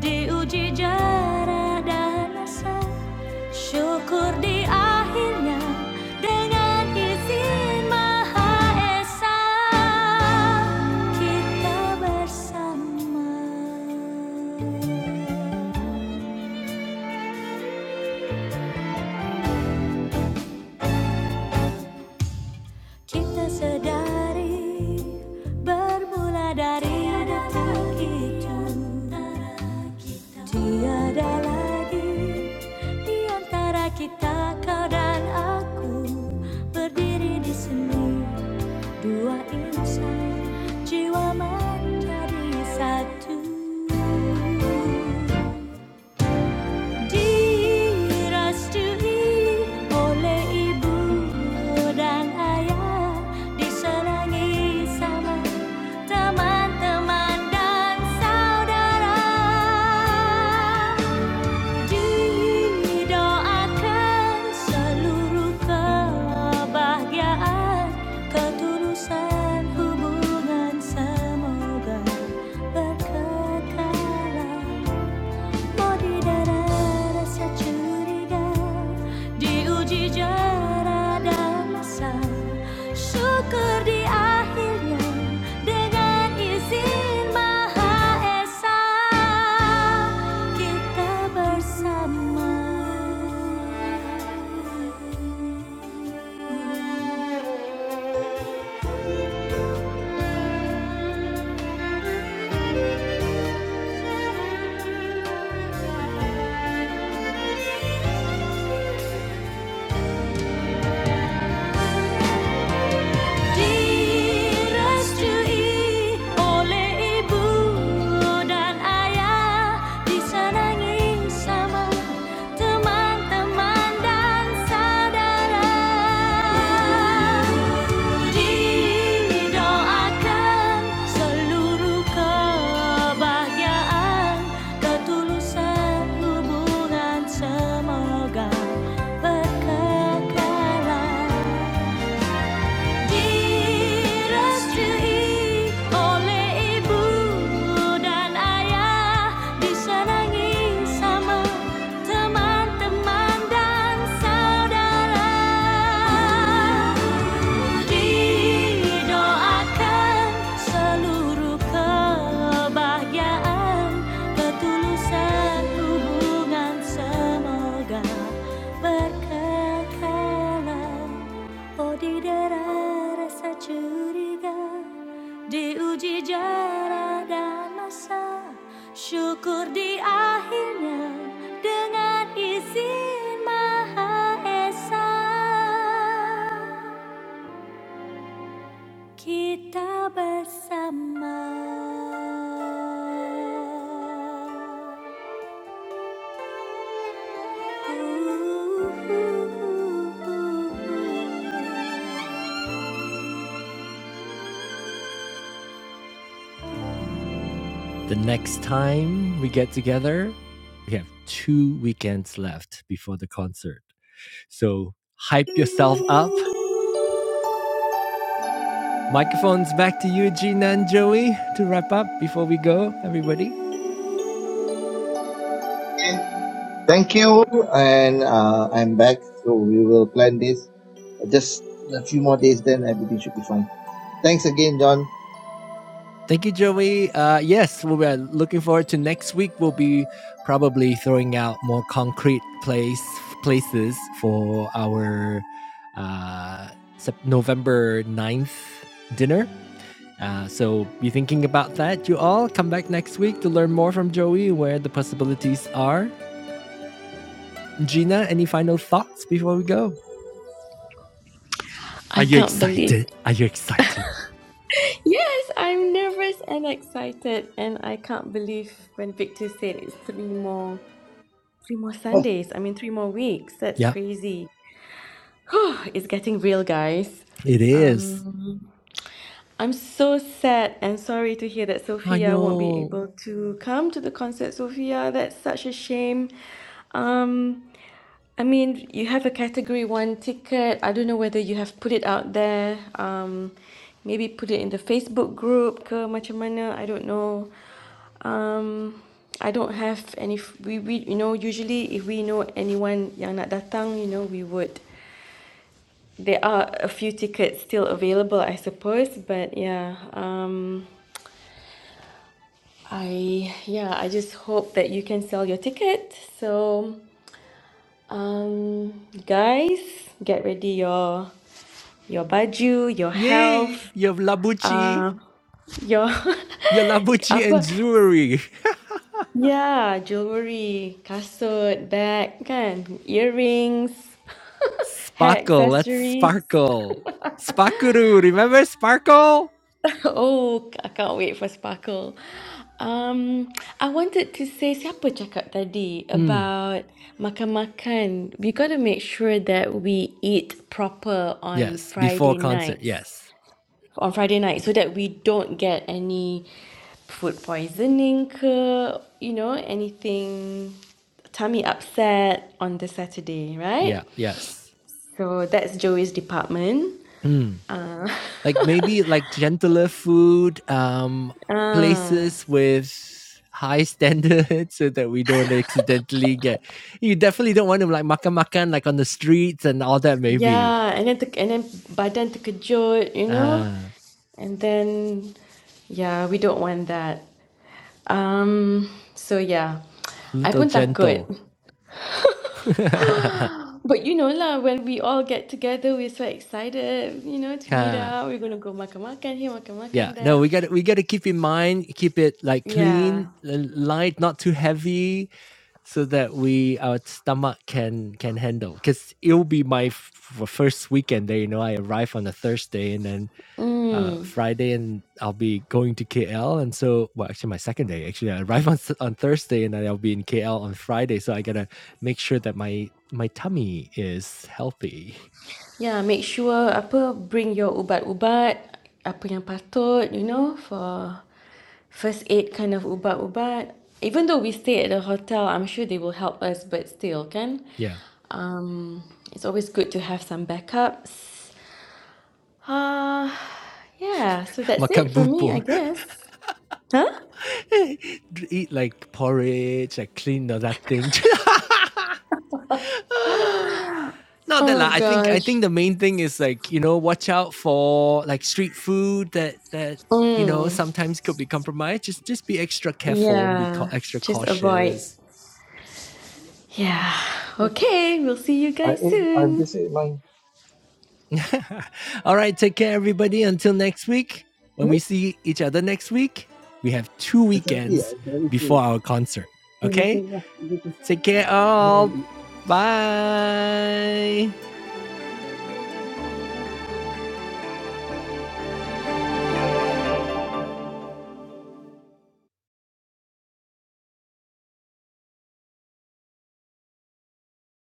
diuji jarak dan asa. Syukur di akhirnya dengan izin Maha Esa kita bersama. Kita sedari bermula dari detik itu tiada lagi di antara kita kau dan aku berdiri di sini. Dua insan jiwa menjadi satu Direstui oleh ibu dan ayah Disenangi sama teman-teman dan saudara Didoakan seluruh kebahagiaan, ketulusan hubungan semoga berkekalan. Modidah rasa dan masa Syukur di akhirnya Dengan izin Maha Esa Kita bersama Di oleh ibu dan ayah, disenangi sama teman-teman dan saudara. Didoakan seluruh kebahagiaan, ketulusan hubungan semoga berkekalan direstui oleh ibu dan ayah, disenangi sama teman-teman dan saudara. Didoakan seluruh kebahagiaan, ketulusan hubungan semoga berkekalan. Odidera rasa curiga Diuji jarak dan masa Syukur di akhirnya Dengan izin Maha Esa Kita bersama Uh, uh, uh, uh, uh. The next time we get together, we have two weekends left before the concert. So hype yourself up. Microphones back to you, Gina and Joey, to wrap up before we go, everybody. Okay. Thank you. And uh, I'm back. So we will plan this. Just a few more days, then everything should be fine. Thanks again, John. Thank you, Joey. Uh, yes, we are looking forward to next week. We'll be probably throwing out more concrete place places for our uh, November ninth dinner. Uh, so be thinking about that, you all. Come back next week to learn more from Joey where the possibilities are. Gina, any final thoughts before we go? Are I you can't believe. excited? Are you excited? Yes, I'm nervous and excited, and I can't believe when Victor said it's three more, three more Sundays. I mean, three more weeks. That's Yep, crazy. Whew, it's getting real, guys. it is. Um, I'm so sad and sorry to hear that I Sophia won't be know. able to come to the concert. Sophia, that's such a shame. Um, I mean, you have a category one ticket. I don't know whether you have put it out there. Um, maybe put it in the Facebook group ke macam mana. I don't know. Um, I don't have any. f- We, we you know usually if we know anyone yang nak datang, you know we would. There are a few tickets still available, I suppose. But yeah, um, I yeah I just hope that you can sell your ticket. So um, guys, get ready your your baju, your Yay! health, You have Labucci. uh, your Your Labucci and apa? jewelry. Ya, jewelry, kasut, bag kan, earrings, hair Sparkle. Let's accessories. sparkle. Sparkuru. Remember Sparkle? Oh, I can't wait for Sparkle. Um, I wanted to say siapa cakap tadi Hmm. about makan-makan. We got to make sure that we eat proper on Yes. Before Friday concert. nights. Yes. on Friday night so that we don't get any food poisoning ke, you know, anything tummy upset on the Saturday, right? Yeah. Yes. So that's Joey's department. Hmm. Uh, like maybe like gentler food um ah, places with high standards so that we don't accidentally get you definitely don't want to like makan makan like on the streets and all that maybe yeah, and then ter, and then badan terkejut, you know, ah and then yeah, we don't want that. Um, so yeah, a I little pun takut. gentle But you know lah, when we all get together, we're so excited, you know, to meet ค่ะ up. We're gonna go makan-makan here, Yeah, makan-makan no, there. we got we got to keep in mind, keep it like clean, Yeah. l- light, not too heavy, so that we our stomach can can handle. Because it'll be my f- f- first weekend there. You know, I arrive on a Thursday and then uh, Mm. Friday, and I'll be going to KL. And so, well, actually, my second day. Actually, I arrive on s- on Thursday, and then I'll be in KL on Friday. So I gotta make sure that my my tummy is healthy. Yeah, make sure apa bring your ubat-ubat, apa yang patut, you know, for first aid kind of ubat-ubat. Even though we stay at the hotel, I'm sure they will help us, but still, kan? Yeah, Mm. It's always good to have some backups. Uh, yeah, so that's makan it for me, I bubur. guess. Huh? Eat like porridge, like clean all that thing. Not that Oh lah. I think I gosh. think the main thing is like you know watch out for like street food that that you Mm. know sometimes could be compromised. Just just be extra careful and be cau- yeah extra just avoid cautious. yeah okay we'll see you I guys ate, I soon just ate mine. all right, take care everybody. Until next week, when Hmm? we see each other next week, we have two I can't eat. weekends I'm very full. before our concert. Give me Okay, food, take care man. all. Bye.